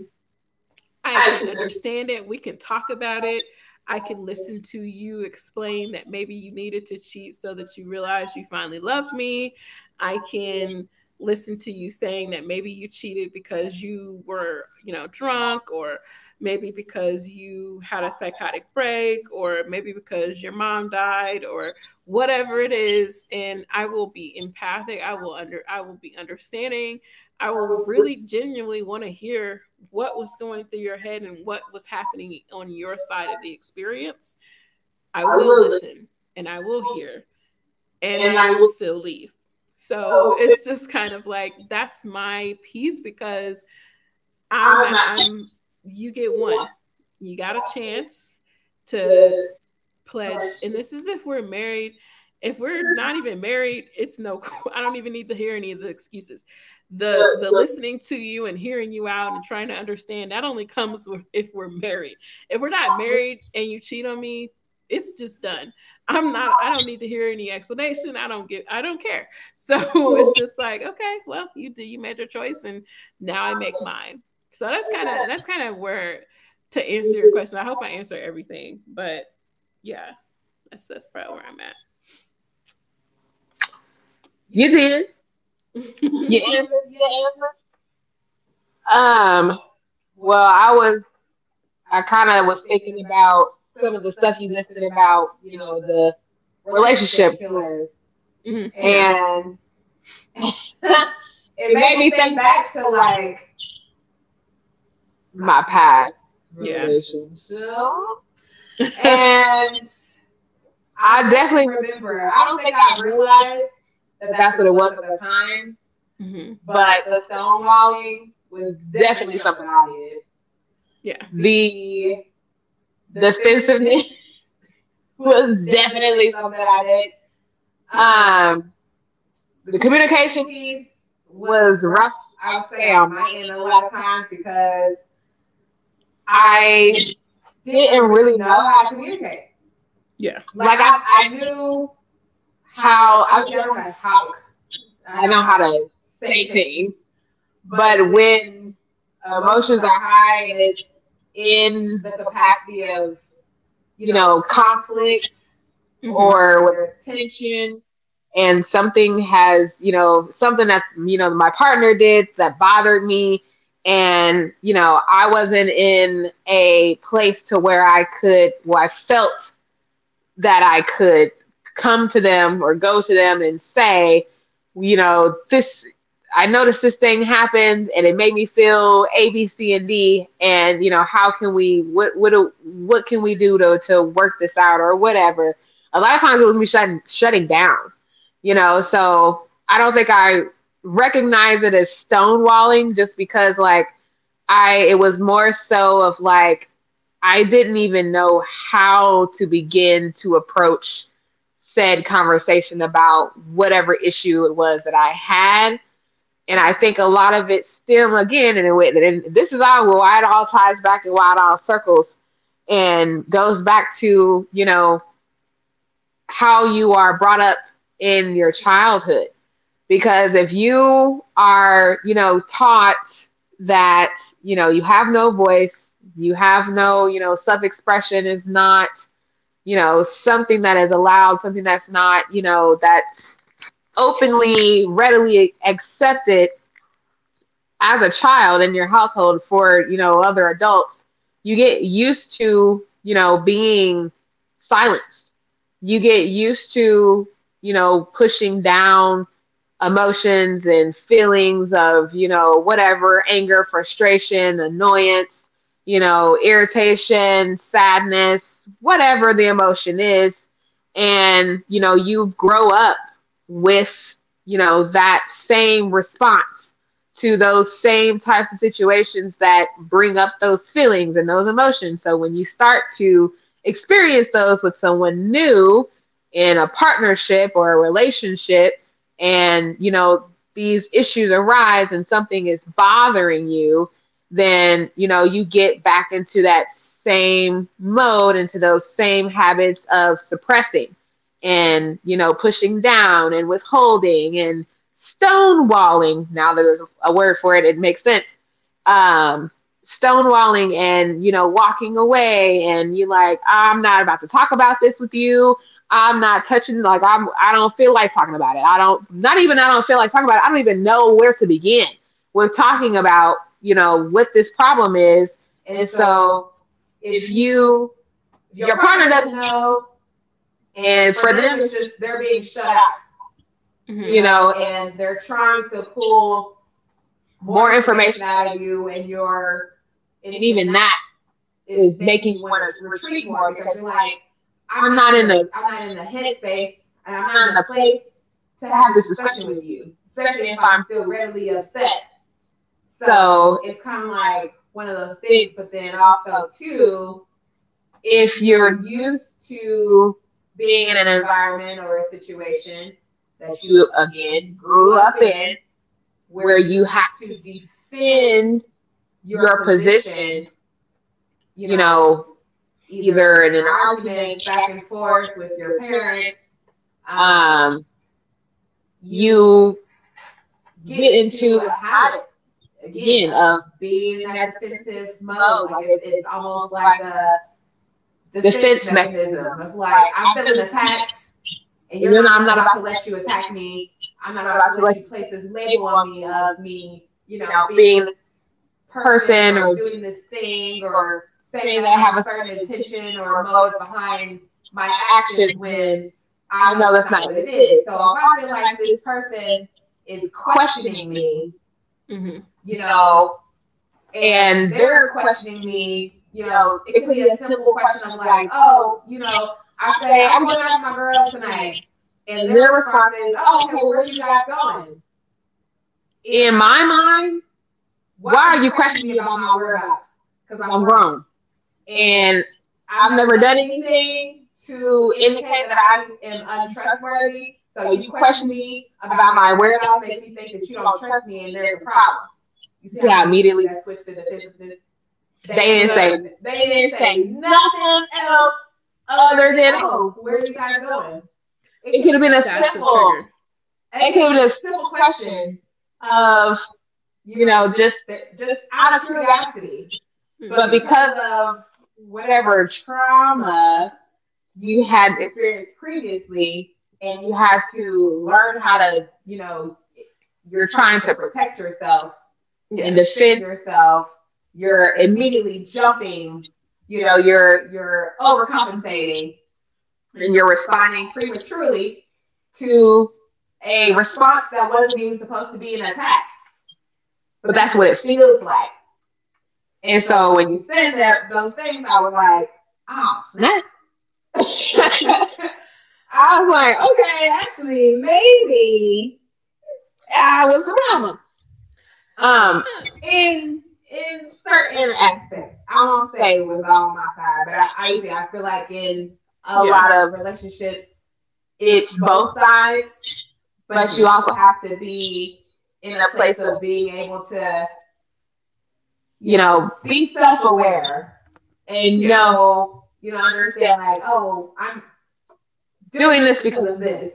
Speaker 2: I can understand it. We can talk about it. I can listen to you explain that maybe you needed to cheat so that you realized you finally loved me. I can listen to you saying that maybe you cheated because you were, you know, drunk, or maybe because you had a psychotic break, or maybe because your mom died, or whatever it is. And I will be empathic. I will under, I will be understanding. I will really genuinely want to hear what was going through your head and what was happening on your side of the experience. I will listen and I will hear, and I will still leave. So it's just kind of like, that's my piece. Because I'm, you get one. You got a chance to pledged, and this is if we're married. If we're not even married, it's no. I don't even need to hear any of the excuses. The listening to you and hearing you out and trying to understand, that only comes with if we're married. If we're not married and you cheat on me, it's just done. I'm not, I don't need to hear any explanation. I don't get, I don't care. So it's just like, okay, well, you did, you made your choice, and now I make mine. So that's kind of, that's kind of where, to answer your question, I hope I answer everything, but yeah, that's probably where I'm at. You
Speaker 1: You
Speaker 2: did.
Speaker 1: did.
Speaker 2: You
Speaker 1: You answered.
Speaker 2: answered your
Speaker 1: You
Speaker 2: answer.
Speaker 1: answered.
Speaker 2: Um,
Speaker 1: Um.
Speaker 2: well,
Speaker 1: Well,
Speaker 2: I
Speaker 1: I
Speaker 2: was,
Speaker 1: was,
Speaker 2: I
Speaker 1: I kind
Speaker 2: kind of
Speaker 1: of
Speaker 2: was
Speaker 1: was
Speaker 2: thinking
Speaker 1: thinking
Speaker 2: about
Speaker 1: about
Speaker 2: some
Speaker 1: some
Speaker 2: of
Speaker 1: of
Speaker 2: the
Speaker 1: the
Speaker 2: stuff
Speaker 1: stuff
Speaker 2: you
Speaker 1: you
Speaker 2: listed
Speaker 1: listed
Speaker 2: about,
Speaker 1: about,
Speaker 2: you
Speaker 1: you
Speaker 2: know,
Speaker 1: know,
Speaker 2: the
Speaker 1: the
Speaker 2: relationship
Speaker 1: relationship
Speaker 2: killers,
Speaker 1: tools,
Speaker 2: mhm, yeah,
Speaker 1: and
Speaker 2: and yeah.
Speaker 1: it
Speaker 2: It made
Speaker 1: made
Speaker 2: me
Speaker 1: me
Speaker 2: think
Speaker 1: think back
Speaker 2: back to
Speaker 1: to
Speaker 2: like
Speaker 1: like
Speaker 2: my
Speaker 1: my past
Speaker 2: past, yeah,
Speaker 1: relationship,
Speaker 2: relationship, yeah.
Speaker 1: and
Speaker 2: And
Speaker 1: I
Speaker 2: I definitely
Speaker 1: definitely remember.
Speaker 2: remember. I
Speaker 1: I
Speaker 2: don't
Speaker 1: don't
Speaker 2: think
Speaker 1: think I
Speaker 2: I realized
Speaker 1: realized,
Speaker 2: that
Speaker 1: but
Speaker 2: that's
Speaker 1: that's
Speaker 2: what
Speaker 1: what
Speaker 2: it
Speaker 1: it
Speaker 2: was
Speaker 1: was
Speaker 2: at
Speaker 1: at
Speaker 2: the
Speaker 1: the
Speaker 2: time,
Speaker 1: time.
Speaker 2: mm-hmm, but
Speaker 1: But
Speaker 2: the
Speaker 1: the
Speaker 2: stonewalling
Speaker 1: stonewalling
Speaker 2: was
Speaker 1: was
Speaker 2: definitely
Speaker 1: definitely
Speaker 2: something
Speaker 1: something
Speaker 2: I
Speaker 1: I
Speaker 2: did.
Speaker 1: did.
Speaker 2: Yeah.
Speaker 1: The
Speaker 2: The defensiveness
Speaker 1: defensiveness
Speaker 2: was
Speaker 1: was
Speaker 2: definitely
Speaker 1: definitely
Speaker 2: something
Speaker 1: something
Speaker 2: I
Speaker 1: I
Speaker 2: did.
Speaker 1: did.
Speaker 2: Yeah.
Speaker 1: Um,
Speaker 2: The
Speaker 1: the
Speaker 2: communication
Speaker 1: communication
Speaker 2: piece
Speaker 1: piece
Speaker 2: was
Speaker 1: was
Speaker 2: rough,
Speaker 1: rough.
Speaker 2: I would
Speaker 1: I would
Speaker 2: say,
Speaker 1: say
Speaker 2: on
Speaker 1: I'm
Speaker 2: my end
Speaker 1: lying
Speaker 2: a
Speaker 1: a
Speaker 2: lot
Speaker 1: lot
Speaker 2: of
Speaker 1: of
Speaker 2: times
Speaker 1: times
Speaker 2: because
Speaker 1: because I
Speaker 2: I didn't
Speaker 1: didn't
Speaker 2: really
Speaker 1: really know
Speaker 2: know how
Speaker 1: how
Speaker 2: to
Speaker 1: to
Speaker 2: communicate.
Speaker 1: communicate.
Speaker 2: Yeah. Like
Speaker 1: Like, I,
Speaker 2: I
Speaker 1: I
Speaker 2: I knew
Speaker 1: knew
Speaker 2: how,
Speaker 1: how, I
Speaker 2: obviously I know
Speaker 1: know how
Speaker 2: how to
Speaker 1: to
Speaker 2: talk,
Speaker 1: talk.
Speaker 2: I
Speaker 1: I
Speaker 2: know
Speaker 1: know
Speaker 2: how
Speaker 1: how
Speaker 2: to
Speaker 1: to
Speaker 2: say
Speaker 1: say
Speaker 2: things,
Speaker 1: things,
Speaker 2: but
Speaker 1: but when
Speaker 2: when emotions
Speaker 1: emotions
Speaker 2: are
Speaker 1: are high
Speaker 2: high and
Speaker 1: and
Speaker 2: it's
Speaker 1: it's
Speaker 2: in
Speaker 1: in
Speaker 2: the
Speaker 1: the
Speaker 2: capacity of,
Speaker 1: capacity of,
Speaker 2: you know,
Speaker 1: conflict,
Speaker 2: conflict, mhm, or
Speaker 1: or
Speaker 2: where
Speaker 1: whether
Speaker 2: there's tensions.
Speaker 1: it's tension, and something has, you know, something that, you know, my partner did that bothered me. And, you know, I wasn't in a place to where I could, where I felt that I could come to them or go to them and say, you know, this, I noticed this thing happened and it made me feel A, B, C, and D. And you know, how can we, what can we do to work this out or whatever? A lot of times it was me shutting down, you know. So I don't think I recognize it as stonewalling just because, like, I it was more so of like I didn't even know how to begin to approach said conversation about whatever issue it was that I had. And I think a lot of it stem, again, in a way, and this is all why it all ties back and why it all circles and goes back to, you know, how you are brought up in your childhood. Because if you are, you know, taught that, you know, you have no voice, you have no, you know, self expression is not, you know, something that is allowed, something that's not, you know, that's openly, readily accepted as a child in your household for, you know, other adults, you get used to, you know, being silenced. You get used to, you know, pushing down, emotions and feelings of, you know, whatever, anger, frustration, annoyance, you know, irritation, sadness, whatever the emotion is. And, you know, you grow up with, you know, that same response to those same types of situations that bring up those feelings and those emotions. So when you start to experience those with someone new in a partnership or a relationship, and you know these issues arise and something is bothering you, then you know you get back into that same mode, into those same habits of suppressing and you know pushing down and withholding and stonewalling. Now there's a word for it, it makes sense. um, stonewalling, and you know, walking away, and you are like, I'm not about to talk about this with you. I'm not touching, like, I don't feel like talking about it. I don't feel like talking about it. I don't even know where to begin with talking about, you know, what this problem is.
Speaker 2: And
Speaker 1: And
Speaker 2: so
Speaker 1: so
Speaker 2: if
Speaker 1: if
Speaker 2: you, if your
Speaker 1: your
Speaker 2: partner
Speaker 1: partner
Speaker 2: doesn't
Speaker 1: doesn't
Speaker 2: know,
Speaker 1: know,
Speaker 2: and
Speaker 1: and
Speaker 2: for
Speaker 1: for
Speaker 2: them
Speaker 1: them
Speaker 2: it's
Speaker 1: it's
Speaker 2: just
Speaker 1: just
Speaker 2: they're
Speaker 1: they're
Speaker 2: being
Speaker 1: being
Speaker 2: shut
Speaker 1: shut
Speaker 2: out,
Speaker 1: out,
Speaker 2: mhm, you
Speaker 1: you know,
Speaker 2: know,
Speaker 1: and
Speaker 2: and they're
Speaker 1: they're
Speaker 2: trying
Speaker 1: trying
Speaker 2: to
Speaker 1: to pull
Speaker 2: pull more
Speaker 1: more information
Speaker 2: information out
Speaker 1: out of
Speaker 2: of you,
Speaker 1: you,
Speaker 2: and you're, and
Speaker 1: and
Speaker 2: even
Speaker 1: even not
Speaker 2: that is
Speaker 1: is
Speaker 2: making
Speaker 1: making
Speaker 2: you
Speaker 1: you
Speaker 2: want
Speaker 1: want
Speaker 2: to
Speaker 1: to retreat
Speaker 2: retreat more
Speaker 1: more because
Speaker 2: because you're
Speaker 1: you're
Speaker 2: like,
Speaker 1: like,
Speaker 2: I'm not in the, I'm
Speaker 1: I'm
Speaker 2: not
Speaker 1: not
Speaker 2: in
Speaker 1: in
Speaker 2: the
Speaker 1: the headspace,
Speaker 2: headspace, and I'm
Speaker 1: I'm
Speaker 2: not
Speaker 1: not
Speaker 2: in
Speaker 1: in
Speaker 2: the
Speaker 1: the
Speaker 2: place
Speaker 1: place
Speaker 2: to
Speaker 1: to
Speaker 2: have
Speaker 1: have
Speaker 2: this
Speaker 1: this
Speaker 2: discussion
Speaker 1: discussion
Speaker 2: with
Speaker 1: with
Speaker 2: you,
Speaker 1: you,
Speaker 2: especially
Speaker 1: especially
Speaker 2: if
Speaker 1: if
Speaker 2: I'm
Speaker 1: I'm
Speaker 2: still
Speaker 1: still
Speaker 2: readily
Speaker 1: readily
Speaker 2: upset.
Speaker 1: upset. So
Speaker 2: So it's
Speaker 1: it's
Speaker 2: kind
Speaker 1: kind
Speaker 2: of
Speaker 1: of like
Speaker 2: like one
Speaker 1: one
Speaker 2: of
Speaker 1: of
Speaker 2: those
Speaker 1: those
Speaker 2: things.
Speaker 1: things,
Speaker 2: But then
Speaker 1: and
Speaker 2: also
Speaker 1: also
Speaker 2: too,
Speaker 1: too,
Speaker 2: if
Speaker 1: if
Speaker 2: you're
Speaker 1: you're used
Speaker 2: used to
Speaker 1: to
Speaker 2: being
Speaker 1: being
Speaker 2: in
Speaker 1: in
Speaker 2: an
Speaker 1: an
Speaker 2: environment
Speaker 1: environment or
Speaker 2: or a
Speaker 1: a
Speaker 2: situation
Speaker 1: situation that
Speaker 2: that you
Speaker 1: you
Speaker 2: again
Speaker 1: again
Speaker 2: grew
Speaker 1: grew up
Speaker 2: up
Speaker 1: in,
Speaker 2: in, where
Speaker 1: where
Speaker 2: you
Speaker 1: you have
Speaker 2: have
Speaker 1: to
Speaker 2: to defend
Speaker 1: defend
Speaker 2: your
Speaker 1: your
Speaker 2: position,
Speaker 1: position,
Speaker 2: you
Speaker 1: you
Speaker 2: know,
Speaker 1: know,
Speaker 2: either
Speaker 1: either
Speaker 2: in
Speaker 1: in
Speaker 2: an
Speaker 1: an
Speaker 2: arguments
Speaker 1: argument
Speaker 2: back
Speaker 1: back
Speaker 2: and
Speaker 1: and forth
Speaker 2: forth with
Speaker 1: with
Speaker 2: your
Speaker 1: your
Speaker 2: parents,
Speaker 1: parents,
Speaker 2: um,
Speaker 1: um,
Speaker 2: you
Speaker 1: you
Speaker 2: get
Speaker 1: get into
Speaker 2: into a
Speaker 1: a
Speaker 2: habit
Speaker 1: habit
Speaker 2: again
Speaker 1: again
Speaker 2: of
Speaker 1: of
Speaker 2: being
Speaker 1: being
Speaker 2: in
Speaker 1: in
Speaker 2: that
Speaker 1: that
Speaker 2: defensive
Speaker 1: defensive
Speaker 2: mode.
Speaker 1: mode.
Speaker 2: Like
Speaker 1: Like
Speaker 2: it's
Speaker 1: it's,
Speaker 2: it's
Speaker 1: it's
Speaker 2: almost
Speaker 1: almost
Speaker 2: like
Speaker 1: like a
Speaker 2: a defense
Speaker 1: defense
Speaker 2: mechanism
Speaker 1: mechanism.
Speaker 2: of
Speaker 1: It's
Speaker 2: like,
Speaker 1: like
Speaker 2: I'm
Speaker 1: I'm
Speaker 2: feeling
Speaker 1: feeling
Speaker 2: attacked,
Speaker 1: attacked,
Speaker 2: and
Speaker 1: and
Speaker 2: you're
Speaker 1: you're
Speaker 2: not,
Speaker 1: not.
Speaker 2: I'm
Speaker 1: I'm
Speaker 2: not
Speaker 1: not
Speaker 2: about
Speaker 1: about
Speaker 2: to
Speaker 1: to let
Speaker 2: let you
Speaker 1: you
Speaker 2: attack
Speaker 1: attack
Speaker 2: me.
Speaker 1: me.
Speaker 2: I'm
Speaker 1: I'm
Speaker 2: not
Speaker 1: not
Speaker 2: about
Speaker 1: about
Speaker 2: to
Speaker 1: to
Speaker 2: let
Speaker 1: let
Speaker 2: you
Speaker 1: you
Speaker 2: place
Speaker 1: take
Speaker 2: this
Speaker 1: the
Speaker 2: label
Speaker 1: label
Speaker 2: on
Speaker 1: on me
Speaker 2: me of
Speaker 1: of being,
Speaker 2: me, you
Speaker 1: you know,
Speaker 2: know, being
Speaker 1: being
Speaker 2: this
Speaker 1: the
Speaker 2: person
Speaker 1: person
Speaker 2: or
Speaker 1: or
Speaker 2: doing
Speaker 1: doing
Speaker 2: this
Speaker 1: this thing
Speaker 2: thing or
Speaker 1: or
Speaker 2: saying
Speaker 1: saying
Speaker 2: that I
Speaker 1: that I
Speaker 2: have
Speaker 1: have
Speaker 2: a
Speaker 1: a
Speaker 2: certain
Speaker 1: special intention
Speaker 2: intention or
Speaker 1: or
Speaker 2: motive
Speaker 1: motive behind
Speaker 2: behind my
Speaker 1: my
Speaker 2: actions
Speaker 1: actions when
Speaker 2: when I
Speaker 1: I
Speaker 2: know
Speaker 1: know
Speaker 2: that's
Speaker 1: that's not
Speaker 2: not what
Speaker 1: what
Speaker 2: it
Speaker 1: it is.
Speaker 2: is.
Speaker 1: So
Speaker 2: So if
Speaker 1: if I
Speaker 2: I feel
Speaker 1: feel
Speaker 2: like
Speaker 1: like
Speaker 2: this
Speaker 1: this person
Speaker 2: person is
Speaker 1: is
Speaker 2: questioning
Speaker 1: questioning
Speaker 2: me,
Speaker 1: me,
Speaker 2: mm-hmm, you
Speaker 1: you
Speaker 2: know,
Speaker 1: know,
Speaker 2: and
Speaker 1: and
Speaker 2: they're
Speaker 1: they're
Speaker 2: questioning
Speaker 1: questioning
Speaker 2: me,
Speaker 1: me,
Speaker 2: you
Speaker 1: you
Speaker 2: know,
Speaker 1: know,
Speaker 2: it
Speaker 1: it
Speaker 2: could
Speaker 1: could
Speaker 2: be
Speaker 1: be
Speaker 2: a
Speaker 1: a
Speaker 2: simple
Speaker 1: simple
Speaker 2: question
Speaker 1: question
Speaker 2: of
Speaker 1: of
Speaker 2: like,
Speaker 1: like,
Speaker 2: oh,
Speaker 1: oh,
Speaker 2: you
Speaker 1: you know,
Speaker 2: know, I
Speaker 1: I
Speaker 2: say,
Speaker 1: say,
Speaker 2: I'm
Speaker 1: I'm
Speaker 2: going
Speaker 1: going
Speaker 2: out
Speaker 1: out
Speaker 2: with
Speaker 1: with
Speaker 2: my
Speaker 1: my
Speaker 2: girls
Speaker 1: girls
Speaker 2: tonight.
Speaker 1: tonight.
Speaker 2: And
Speaker 1: And
Speaker 2: their
Speaker 1: their
Speaker 2: response
Speaker 1: response
Speaker 2: is,
Speaker 1: is, oh,
Speaker 2: oh, okay,
Speaker 1: okay,
Speaker 2: well,
Speaker 1: well,
Speaker 2: where are
Speaker 1: where are
Speaker 2: you
Speaker 1: you
Speaker 2: guys
Speaker 1: guys
Speaker 2: going?
Speaker 1: going?
Speaker 2: In
Speaker 1: In
Speaker 2: my
Speaker 1: my
Speaker 2: mind,
Speaker 1: mind,
Speaker 2: why
Speaker 1: why
Speaker 2: are
Speaker 1: are
Speaker 2: you
Speaker 1: you
Speaker 2: questioning
Speaker 1: questioning
Speaker 2: me
Speaker 1: me
Speaker 2: about
Speaker 1: about
Speaker 2: my
Speaker 1: my whereabouts?
Speaker 2: whereabouts? Because
Speaker 1: Because
Speaker 2: I'm
Speaker 1: I'm
Speaker 2: grown.
Speaker 1: grown.
Speaker 2: And
Speaker 1: And
Speaker 2: I've
Speaker 1: I've
Speaker 2: never
Speaker 1: never
Speaker 2: done
Speaker 1: done anything
Speaker 2: anything to
Speaker 1: to
Speaker 2: indicate
Speaker 1: indicate
Speaker 2: that
Speaker 1: that
Speaker 2: I
Speaker 1: I am
Speaker 2: am untrustworthy.
Speaker 1: untrustworthy.
Speaker 2: So
Speaker 1: So
Speaker 2: you
Speaker 1: you
Speaker 2: questioning
Speaker 1: questioning
Speaker 2: me
Speaker 1: me
Speaker 2: about
Speaker 1: about
Speaker 2: my
Speaker 1: my
Speaker 2: whereabouts
Speaker 1: whereabouts
Speaker 2: makes
Speaker 1: makes
Speaker 2: me
Speaker 1: you
Speaker 2: think
Speaker 1: think
Speaker 2: that
Speaker 1: that
Speaker 2: you
Speaker 1: you
Speaker 2: don't
Speaker 1: don't
Speaker 2: trust
Speaker 1: trust
Speaker 2: me and
Speaker 1: me and
Speaker 2: there's a
Speaker 1: there's a
Speaker 2: problem.
Speaker 1: problem.
Speaker 2: You
Speaker 1: You
Speaker 2: see
Speaker 1: see
Speaker 2: how,
Speaker 1: how
Speaker 2: mhm, immediately
Speaker 1: immediately
Speaker 2: that
Speaker 1: that's
Speaker 2: switched
Speaker 1: just
Speaker 2: to
Speaker 1: the defensive
Speaker 2: defensiveness?
Speaker 1: system.
Speaker 2: They didn't, well, that, say, they
Speaker 1: They
Speaker 2: didn't
Speaker 1: didn't say
Speaker 2: say nothing
Speaker 1: nothing
Speaker 2: else
Speaker 1: else
Speaker 2: other
Speaker 1: other
Speaker 2: than,
Speaker 1: than,
Speaker 2: oh,
Speaker 1: oh,
Speaker 2: where
Speaker 1: where
Speaker 2: are
Speaker 1: are
Speaker 2: you
Speaker 1: you
Speaker 2: guys
Speaker 1: guys
Speaker 2: going?
Speaker 1: going?
Speaker 2: It
Speaker 1: It
Speaker 2: could
Speaker 1: could
Speaker 2: have
Speaker 1: have
Speaker 2: been
Speaker 1: been
Speaker 2: a,
Speaker 1: a
Speaker 2: that's simple, the
Speaker 1: simple
Speaker 2: trigger. It
Speaker 1: it
Speaker 2: could
Speaker 1: could
Speaker 2: have
Speaker 1: have
Speaker 2: been
Speaker 1: been a
Speaker 2: a simple
Speaker 1: simple
Speaker 2: question
Speaker 1: question
Speaker 2: of,
Speaker 1: of,
Speaker 2: you
Speaker 1: you
Speaker 2: know,
Speaker 1: know,
Speaker 2: just
Speaker 1: just
Speaker 2: out
Speaker 1: out
Speaker 2: of
Speaker 1: of
Speaker 2: curiosity,
Speaker 1: curiosity.
Speaker 2: mm-hmm, but
Speaker 1: But
Speaker 2: mhm, because
Speaker 1: because
Speaker 2: of
Speaker 1: of
Speaker 2: whatever
Speaker 1: whatever
Speaker 2: trauma
Speaker 1: trauma
Speaker 2: you
Speaker 1: you
Speaker 2: had
Speaker 1: had
Speaker 2: experienced
Speaker 1: experience
Speaker 2: previously,
Speaker 1: previously
Speaker 2: and
Speaker 1: and
Speaker 2: you
Speaker 1: you
Speaker 2: had
Speaker 1: have
Speaker 2: to
Speaker 1: to
Speaker 2: learn
Speaker 1: learn
Speaker 2: how
Speaker 1: how
Speaker 2: to,
Speaker 1: to,
Speaker 2: you
Speaker 1: you
Speaker 2: know,
Speaker 1: know,
Speaker 2: you're
Speaker 1: you're
Speaker 2: trying
Speaker 1: trying to
Speaker 2: to
Speaker 1: protect
Speaker 2: protect yourself,
Speaker 1: yourself
Speaker 2: yeah,
Speaker 1: and
Speaker 2: defend
Speaker 1: defend
Speaker 2: yourself,
Speaker 1: yourself.
Speaker 2: you're
Speaker 1: You're
Speaker 2: immediately
Speaker 1: immediately jumping,
Speaker 2: jumping, you
Speaker 1: you
Speaker 2: know,
Speaker 1: know, you're
Speaker 2: you're overcompensating,
Speaker 1: overcompensating
Speaker 2: and
Speaker 1: and
Speaker 2: you're
Speaker 1: you're responding
Speaker 2: responding prematurely
Speaker 1: prematurely
Speaker 2: to
Speaker 1: to
Speaker 2: a
Speaker 1: a
Speaker 2: response
Speaker 1: response
Speaker 2: that
Speaker 1: that
Speaker 2: wasn't
Speaker 1: wasn't
Speaker 2: even
Speaker 1: even
Speaker 2: supposed
Speaker 1: supposed
Speaker 2: to
Speaker 1: to
Speaker 2: be
Speaker 1: be
Speaker 2: an
Speaker 1: an
Speaker 2: attack.
Speaker 1: attack.
Speaker 2: But
Speaker 1: But
Speaker 2: that's
Speaker 1: that's
Speaker 2: what
Speaker 1: what
Speaker 2: it
Speaker 1: it feels.
Speaker 2: feels like. And
Speaker 1: And
Speaker 2: so
Speaker 1: so
Speaker 2: when
Speaker 1: when
Speaker 2: you
Speaker 1: you
Speaker 2: said
Speaker 1: said that,
Speaker 2: that those
Speaker 1: those
Speaker 2: things,
Speaker 1: things,
Speaker 2: I
Speaker 1: I
Speaker 2: was like,
Speaker 1: was
Speaker 2: ah,
Speaker 1: like,
Speaker 2: snap.
Speaker 1: oh, snap.
Speaker 2: I
Speaker 1: I was
Speaker 2: was like,
Speaker 1: like,
Speaker 2: okay,
Speaker 1: okay,
Speaker 2: actually,
Speaker 1: actually, maybe.
Speaker 2: maybe I
Speaker 1: I
Speaker 2: was
Speaker 1: was
Speaker 2: the
Speaker 1: the
Speaker 2: problem.
Speaker 1: problem.
Speaker 2: Um,
Speaker 1: Um,
Speaker 2: in
Speaker 1: in
Speaker 2: certain
Speaker 1: certain aspects,
Speaker 2: aspects,
Speaker 1: I
Speaker 2: I
Speaker 1: won't
Speaker 2: won't
Speaker 1: say
Speaker 2: say it
Speaker 1: it
Speaker 2: was
Speaker 1: was all
Speaker 2: all on
Speaker 1: on
Speaker 2: my
Speaker 1: my
Speaker 2: side,
Speaker 1: side,
Speaker 2: but
Speaker 1: but
Speaker 2: I
Speaker 1: I, I
Speaker 2: obviously, I
Speaker 1: I
Speaker 2: feel
Speaker 1: feel
Speaker 2: like
Speaker 1: like
Speaker 2: in
Speaker 1: in
Speaker 2: a,
Speaker 1: a
Speaker 2: yeah,
Speaker 1: lot
Speaker 2: lot
Speaker 1: of
Speaker 2: of relationships,
Speaker 1: relationships,
Speaker 2: it's
Speaker 1: it's
Speaker 2: both
Speaker 1: both sides,
Speaker 2: sides, but mm-hmm,
Speaker 1: but
Speaker 2: you
Speaker 1: you
Speaker 2: also
Speaker 1: also have
Speaker 2: have to
Speaker 1: to be
Speaker 2: be in
Speaker 1: in
Speaker 2: a
Speaker 1: a
Speaker 2: place
Speaker 1: place
Speaker 2: of
Speaker 1: of
Speaker 2: being
Speaker 1: being
Speaker 2: able
Speaker 1: able to,
Speaker 2: to, you
Speaker 1: you
Speaker 2: know,
Speaker 1: know,
Speaker 2: be
Speaker 1: be
Speaker 2: self
Speaker 1: self-aware
Speaker 2: aware and,
Speaker 1: and
Speaker 2: yeah,
Speaker 1: know,
Speaker 2: know, you
Speaker 1: you
Speaker 2: know,
Speaker 1: know,
Speaker 2: understand
Speaker 1: understand
Speaker 2: like,
Speaker 1: like, oh,
Speaker 2: oh,
Speaker 1: I'm
Speaker 2: I'm doing
Speaker 1: doing
Speaker 2: this
Speaker 1: this
Speaker 2: because
Speaker 1: because
Speaker 2: of
Speaker 1: of this,
Speaker 2: this,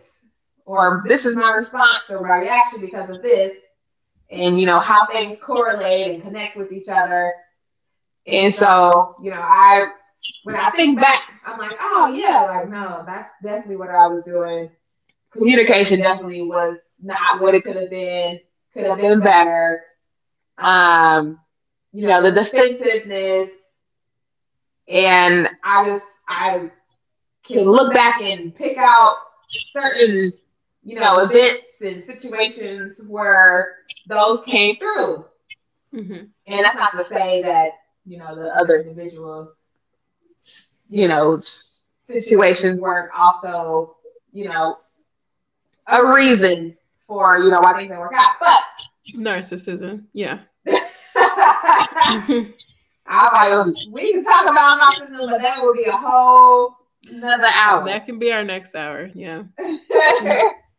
Speaker 2: or
Speaker 1: or
Speaker 2: this
Speaker 1: this
Speaker 2: is
Speaker 1: is
Speaker 2: my
Speaker 1: my
Speaker 2: response
Speaker 1: response
Speaker 2: or
Speaker 1: or
Speaker 2: my
Speaker 1: my
Speaker 2: reaction
Speaker 1: reaction
Speaker 2: because
Speaker 1: because
Speaker 2: of
Speaker 1: of
Speaker 2: this,
Speaker 1: this,
Speaker 2: and
Speaker 1: and
Speaker 2: you
Speaker 1: you
Speaker 2: know
Speaker 1: know
Speaker 2: how
Speaker 1: how
Speaker 2: things
Speaker 1: things
Speaker 2: correlate
Speaker 1: correlate
Speaker 2: and
Speaker 1: and
Speaker 2: connect
Speaker 1: connect
Speaker 2: with each
Speaker 1: each other.
Speaker 2: other. And
Speaker 1: And so
Speaker 2: so, you know, I,
Speaker 1: I
Speaker 2: when
Speaker 1: when
Speaker 2: I
Speaker 1: I
Speaker 2: think
Speaker 1: think
Speaker 2: back,
Speaker 1: back,
Speaker 2: I'm
Speaker 1: I'm
Speaker 2: like,
Speaker 1: like,
Speaker 2: oh
Speaker 1: oh
Speaker 2: yeah,
Speaker 1: yeah,
Speaker 2: like
Speaker 1: like you
Speaker 2: no, that's
Speaker 1: that's
Speaker 2: definitely
Speaker 1: definitely
Speaker 2: what
Speaker 1: what
Speaker 2: I
Speaker 1: I
Speaker 2: was
Speaker 1: was doing.
Speaker 2: doing. Communication
Speaker 1: Communication
Speaker 2: definitely
Speaker 1: definitely
Speaker 2: was
Speaker 1: was
Speaker 2: not
Speaker 1: not
Speaker 2: what
Speaker 1: what
Speaker 2: it
Speaker 1: it
Speaker 2: could
Speaker 1: could
Speaker 2: have
Speaker 1: have
Speaker 2: been.
Speaker 1: been.
Speaker 2: Could
Speaker 1: Could
Speaker 2: have
Speaker 1: have
Speaker 2: been
Speaker 1: been better.
Speaker 2: better. Um,
Speaker 1: Um,
Speaker 2: you
Speaker 1: you
Speaker 2: know,
Speaker 1: know,
Speaker 2: the
Speaker 1: the
Speaker 2: defensiveness,
Speaker 1: defensiveness,
Speaker 2: and
Speaker 1: and
Speaker 2: I
Speaker 1: I
Speaker 2: just,
Speaker 1: was
Speaker 2: I
Speaker 1: I can
Speaker 2: can look
Speaker 1: look back
Speaker 2: back
Speaker 1: and
Speaker 2: and pick
Speaker 1: pick
Speaker 2: out
Speaker 1: out
Speaker 2: certain,
Speaker 1: certain,
Speaker 2: you
Speaker 1: you
Speaker 2: know,
Speaker 1: know,
Speaker 2: events
Speaker 1: events
Speaker 2: and
Speaker 1: and situations
Speaker 2: situations
Speaker 1: where
Speaker 2: where those
Speaker 1: those came
Speaker 2: came through.
Speaker 1: through.
Speaker 2: Mm-hmm. And
Speaker 1: And
Speaker 2: that's
Speaker 1: that's
Speaker 2: not
Speaker 1: not
Speaker 2: to
Speaker 1: to say
Speaker 2: say that,
Speaker 1: that,
Speaker 2: you know,
Speaker 1: you
Speaker 2: the
Speaker 1: know, the
Speaker 2: other
Speaker 1: other individual,
Speaker 2: individual, you
Speaker 1: you
Speaker 2: know,
Speaker 1: know,
Speaker 2: situations
Speaker 1: situations
Speaker 2: weren't
Speaker 1: weren't also,
Speaker 2: also, you
Speaker 1: you
Speaker 2: know,
Speaker 1: know,
Speaker 2: a
Speaker 1: a
Speaker 2: reason
Speaker 1: reason
Speaker 2: for,
Speaker 1: for,
Speaker 2: you
Speaker 1: you
Speaker 2: know,
Speaker 1: know,
Speaker 2: why
Speaker 1: why
Speaker 2: things
Speaker 1: they
Speaker 2: didn't work
Speaker 1: going
Speaker 2: out.
Speaker 1: out.
Speaker 2: But
Speaker 1: But
Speaker 2: narcissism. Yeah. I
Speaker 1: I
Speaker 2: was
Speaker 1: was
Speaker 2: like,
Speaker 1: like, oh,
Speaker 2: we
Speaker 1: we
Speaker 2: could
Speaker 1: can
Speaker 2: talk
Speaker 1: talk
Speaker 2: about
Speaker 1: about
Speaker 2: narcissism,
Speaker 1: Nocturnal,
Speaker 2: but
Speaker 1: but that
Speaker 2: that would
Speaker 1: would
Speaker 2: be
Speaker 1: be
Speaker 2: a
Speaker 1: a whole
Speaker 2: whole another
Speaker 1: another
Speaker 2: hour.
Speaker 1: hour.
Speaker 2: That can be our next hour. Yeah. Mm.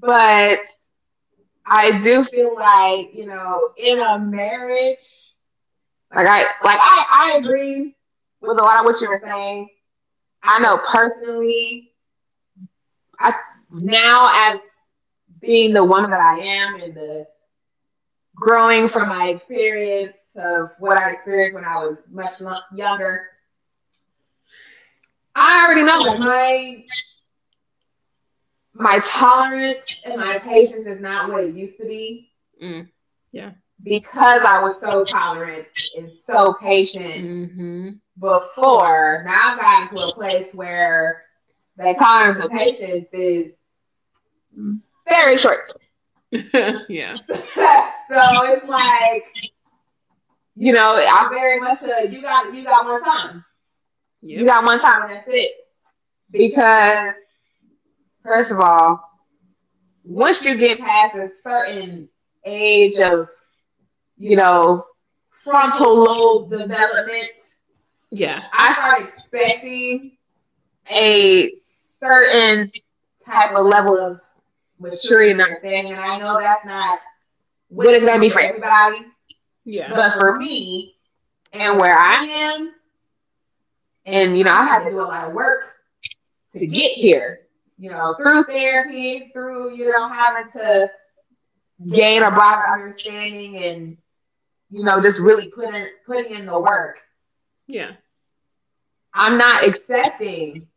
Speaker 2: But
Speaker 1: But
Speaker 2: I
Speaker 1: I
Speaker 2: do
Speaker 1: do
Speaker 2: feel
Speaker 1: feel
Speaker 2: like,
Speaker 1: like,
Speaker 2: you
Speaker 1: you
Speaker 2: know,
Speaker 1: know,
Speaker 2: in
Speaker 1: in
Speaker 2: a
Speaker 1: a marriage,
Speaker 2: marriage, like
Speaker 1: like
Speaker 2: I
Speaker 1: I
Speaker 2: like
Speaker 1: like I,
Speaker 2: I
Speaker 1: I
Speaker 2: I
Speaker 1: agree
Speaker 2: agree with a
Speaker 1: with a
Speaker 2: lot
Speaker 1: lot
Speaker 2: of
Speaker 1: of what
Speaker 2: what you
Speaker 1: you
Speaker 2: were
Speaker 1: were saying.
Speaker 2: saying. I
Speaker 1: I
Speaker 2: know
Speaker 1: know personally,
Speaker 2: personally, I
Speaker 1: I
Speaker 2: now
Speaker 1: now
Speaker 2: as
Speaker 1: as
Speaker 2: being
Speaker 1: being
Speaker 2: the
Speaker 1: the
Speaker 2: woman
Speaker 1: woman
Speaker 2: that
Speaker 1: that
Speaker 2: I
Speaker 1: I
Speaker 2: am
Speaker 1: am
Speaker 2: and the
Speaker 1: and
Speaker 2: growing
Speaker 1: growing
Speaker 2: from
Speaker 1: from
Speaker 2: my
Speaker 1: my
Speaker 2: experience
Speaker 1: experience
Speaker 2: of
Speaker 1: of
Speaker 2: what
Speaker 1: what I
Speaker 2: I experienced
Speaker 1: experienced
Speaker 2: when
Speaker 1: when
Speaker 2: I
Speaker 1: I
Speaker 2: was
Speaker 1: was
Speaker 2: much
Speaker 1: much younger,
Speaker 2: younger, I
Speaker 1: I
Speaker 2: already
Speaker 1: already know
Speaker 2: know, like
Speaker 1: that marriage
Speaker 2: my
Speaker 1: my
Speaker 2: tolerance
Speaker 1: tolerance
Speaker 2: and
Speaker 1: and
Speaker 2: my
Speaker 1: my
Speaker 2: patience
Speaker 1: patience
Speaker 2: is
Speaker 1: is
Speaker 2: not
Speaker 1: not
Speaker 2: what
Speaker 1: what it
Speaker 2: it used
Speaker 1: used
Speaker 2: to
Speaker 1: to be
Speaker 2: be. Mm. Yeah.
Speaker 1: because
Speaker 2: Because I
Speaker 1: I
Speaker 2: was
Speaker 1: was
Speaker 2: so
Speaker 1: so
Speaker 2: tolerant
Speaker 1: tolerant,
Speaker 2: and so
Speaker 1: so
Speaker 2: patient,
Speaker 1: patient
Speaker 2: mm-hmm, before.
Speaker 1: before. Now
Speaker 2: Now I've
Speaker 1: I
Speaker 2: gotten
Speaker 1: got
Speaker 2: to
Speaker 1: to
Speaker 2: a
Speaker 1: a
Speaker 2: place
Speaker 1: place
Speaker 2: where
Speaker 1: where
Speaker 2: the
Speaker 1: the
Speaker 2: tolerance
Speaker 1: tolerance
Speaker 2: and
Speaker 1: and
Speaker 2: patience
Speaker 1: patience
Speaker 2: is
Speaker 1: is
Speaker 2: very
Speaker 1: very
Speaker 2: short.
Speaker 1: short. So
Speaker 2: Yeah. So it's
Speaker 1: it's
Speaker 2: like,
Speaker 1: like,
Speaker 2: you
Speaker 1: you
Speaker 2: know,
Speaker 1: know,
Speaker 2: I'm
Speaker 1: I'm
Speaker 2: very
Speaker 1: very
Speaker 2: much
Speaker 1: much a
Speaker 2: a you got, you
Speaker 1: you
Speaker 2: got
Speaker 1: got
Speaker 2: one
Speaker 1: one
Speaker 2: time.
Speaker 1: time.
Speaker 2: Yep. You,
Speaker 1: You
Speaker 2: yep, got
Speaker 1: got
Speaker 2: one
Speaker 1: one time
Speaker 2: time and
Speaker 1: and
Speaker 2: that's
Speaker 1: that's
Speaker 2: it.
Speaker 1: it. Because
Speaker 2: Because first
Speaker 1: first
Speaker 2: of
Speaker 1: of all,
Speaker 2: all, once
Speaker 1: once
Speaker 2: you
Speaker 1: you
Speaker 2: get
Speaker 1: get
Speaker 2: past
Speaker 1: past
Speaker 2: a
Speaker 1: a
Speaker 2: certain
Speaker 1: certain age
Speaker 2: age of,
Speaker 1: of,
Speaker 2: you
Speaker 1: you
Speaker 2: know,
Speaker 1: know, frontal
Speaker 2: frontal
Speaker 1: lobe
Speaker 2: lobe development,
Speaker 1: development, yeah,
Speaker 2: yeah,
Speaker 1: I
Speaker 2: I start
Speaker 1: started
Speaker 2: expecting
Speaker 1: expecting
Speaker 2: a
Speaker 1: a
Speaker 2: certain
Speaker 1: certain
Speaker 2: type
Speaker 1: type
Speaker 2: of
Speaker 1: of
Speaker 2: level
Speaker 1: level
Speaker 2: of
Speaker 1: of
Speaker 2: maturity
Speaker 1: maturity
Speaker 2: and
Speaker 1: and
Speaker 2: understanding.
Speaker 1: understanding,
Speaker 2: And
Speaker 1: and
Speaker 2: I
Speaker 1: I
Speaker 2: know
Speaker 1: know
Speaker 2: that's
Speaker 1: that's
Speaker 2: not
Speaker 1: not
Speaker 2: what
Speaker 1: what
Speaker 2: it's
Speaker 1: it's
Speaker 2: going
Speaker 1: going
Speaker 2: to
Speaker 1: to
Speaker 2: be
Speaker 1: be
Speaker 2: for
Speaker 1: for
Speaker 2: everybody.
Speaker 1: everybody,
Speaker 2: Yeah. But
Speaker 1: but
Speaker 2: for
Speaker 1: for
Speaker 2: me
Speaker 1: me
Speaker 2: and
Speaker 1: and
Speaker 2: where
Speaker 1: where
Speaker 2: I
Speaker 1: I
Speaker 2: am,
Speaker 1: am,
Speaker 2: and
Speaker 1: and
Speaker 2: you
Speaker 1: you
Speaker 2: know,
Speaker 1: know,
Speaker 2: I've
Speaker 1: I've
Speaker 2: had
Speaker 1: had
Speaker 2: to
Speaker 1: to
Speaker 2: do
Speaker 1: do
Speaker 2: a
Speaker 1: a
Speaker 2: lot
Speaker 1: lot
Speaker 2: of
Speaker 1: of
Speaker 2: work
Speaker 1: work
Speaker 2: to
Speaker 1: to
Speaker 2: get
Speaker 1: get here,
Speaker 2: here, you
Speaker 1: you
Speaker 2: know,
Speaker 1: know, through
Speaker 2: through
Speaker 1: therapy,
Speaker 2: therapy, through,
Speaker 1: through,
Speaker 2: you
Speaker 1: you
Speaker 2: know,
Speaker 1: know,
Speaker 2: having
Speaker 1: having
Speaker 2: to
Speaker 1: to
Speaker 2: gain
Speaker 1: gain
Speaker 2: a
Speaker 1: a
Speaker 2: broader
Speaker 1: broader understanding,
Speaker 2: understanding, and
Speaker 1: and
Speaker 2: you
Speaker 1: you
Speaker 2: know,
Speaker 1: know,
Speaker 2: just
Speaker 1: just
Speaker 2: really
Speaker 1: really
Speaker 2: putting
Speaker 1: putting
Speaker 2: in
Speaker 1: in
Speaker 2: the
Speaker 1: the
Speaker 2: work.
Speaker 1: work.
Speaker 2: Yeah. I'm
Speaker 1: I'm
Speaker 2: not
Speaker 1: not
Speaker 2: accepting
Speaker 1: expecting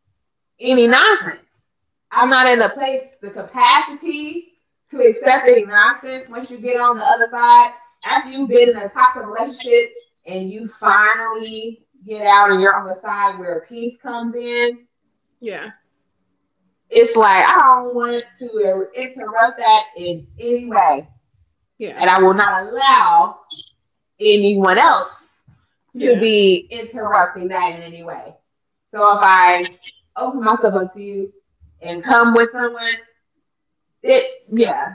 Speaker 2: any
Speaker 1: any
Speaker 2: nonsense.
Speaker 1: nonsense.
Speaker 2: I'm
Speaker 1: I'm
Speaker 2: not
Speaker 1: not
Speaker 2: in
Speaker 1: in
Speaker 2: the
Speaker 1: a
Speaker 2: place,
Speaker 1: place,
Speaker 2: the
Speaker 1: the
Speaker 2: capacity
Speaker 1: capacity
Speaker 2: to
Speaker 1: to
Speaker 2: accept
Speaker 1: accept
Speaker 2: any
Speaker 1: any
Speaker 2: nonsense
Speaker 1: nonsense
Speaker 2: once
Speaker 1: once
Speaker 2: you
Speaker 1: you
Speaker 2: get
Speaker 1: get
Speaker 2: on
Speaker 1: on
Speaker 2: the
Speaker 1: the
Speaker 2: other
Speaker 1: other
Speaker 2: side.
Speaker 1: side.
Speaker 2: After
Speaker 1: After
Speaker 2: you've
Speaker 1: you
Speaker 2: been
Speaker 1: get
Speaker 2: in
Speaker 1: in
Speaker 2: a
Speaker 1: a
Speaker 2: toxic
Speaker 1: toxic relationship
Speaker 2: relationship
Speaker 1: and
Speaker 2: and
Speaker 1: you
Speaker 2: you
Speaker 1: finally
Speaker 2: finally get
Speaker 1: get
Speaker 2: out
Speaker 1: out
Speaker 2: and
Speaker 1: and
Speaker 2: you're
Speaker 1: you're
Speaker 2: on
Speaker 1: on
Speaker 2: the
Speaker 1: the side
Speaker 2: side
Speaker 1: where
Speaker 2: where
Speaker 1: peace
Speaker 2: peace comes
Speaker 1: comes in,
Speaker 2: in, yeah, it's
Speaker 1: it's
Speaker 2: like,
Speaker 1: like I
Speaker 2: I
Speaker 1: don't
Speaker 2: don't want
Speaker 1: want
Speaker 2: to
Speaker 1: to
Speaker 2: interrupt
Speaker 1: interrupt
Speaker 2: that
Speaker 1: that
Speaker 2: in
Speaker 1: in
Speaker 2: any
Speaker 1: any way,
Speaker 2: way. Yeah. And
Speaker 1: and
Speaker 2: I
Speaker 1: I
Speaker 2: will
Speaker 1: will not
Speaker 2: not
Speaker 1: allow
Speaker 2: allow anyone
Speaker 1: anyone
Speaker 2: else
Speaker 1: else
Speaker 2: to,
Speaker 1: to
Speaker 2: yeah, be
Speaker 1: be
Speaker 2: interrupting
Speaker 1: interrupting that
Speaker 2: that in
Speaker 1: in
Speaker 2: any
Speaker 1: any way.
Speaker 2: way. So
Speaker 1: So
Speaker 2: if
Speaker 1: if I
Speaker 2: I open
Speaker 1: open
Speaker 2: myself
Speaker 1: myself
Speaker 2: up
Speaker 1: up
Speaker 2: to
Speaker 1: to
Speaker 2: you
Speaker 1: you
Speaker 2: and
Speaker 1: and
Speaker 2: come
Speaker 1: come with
Speaker 2: with
Speaker 1: them,
Speaker 2: someone, it,
Speaker 1: it, yeah,
Speaker 2: yeah,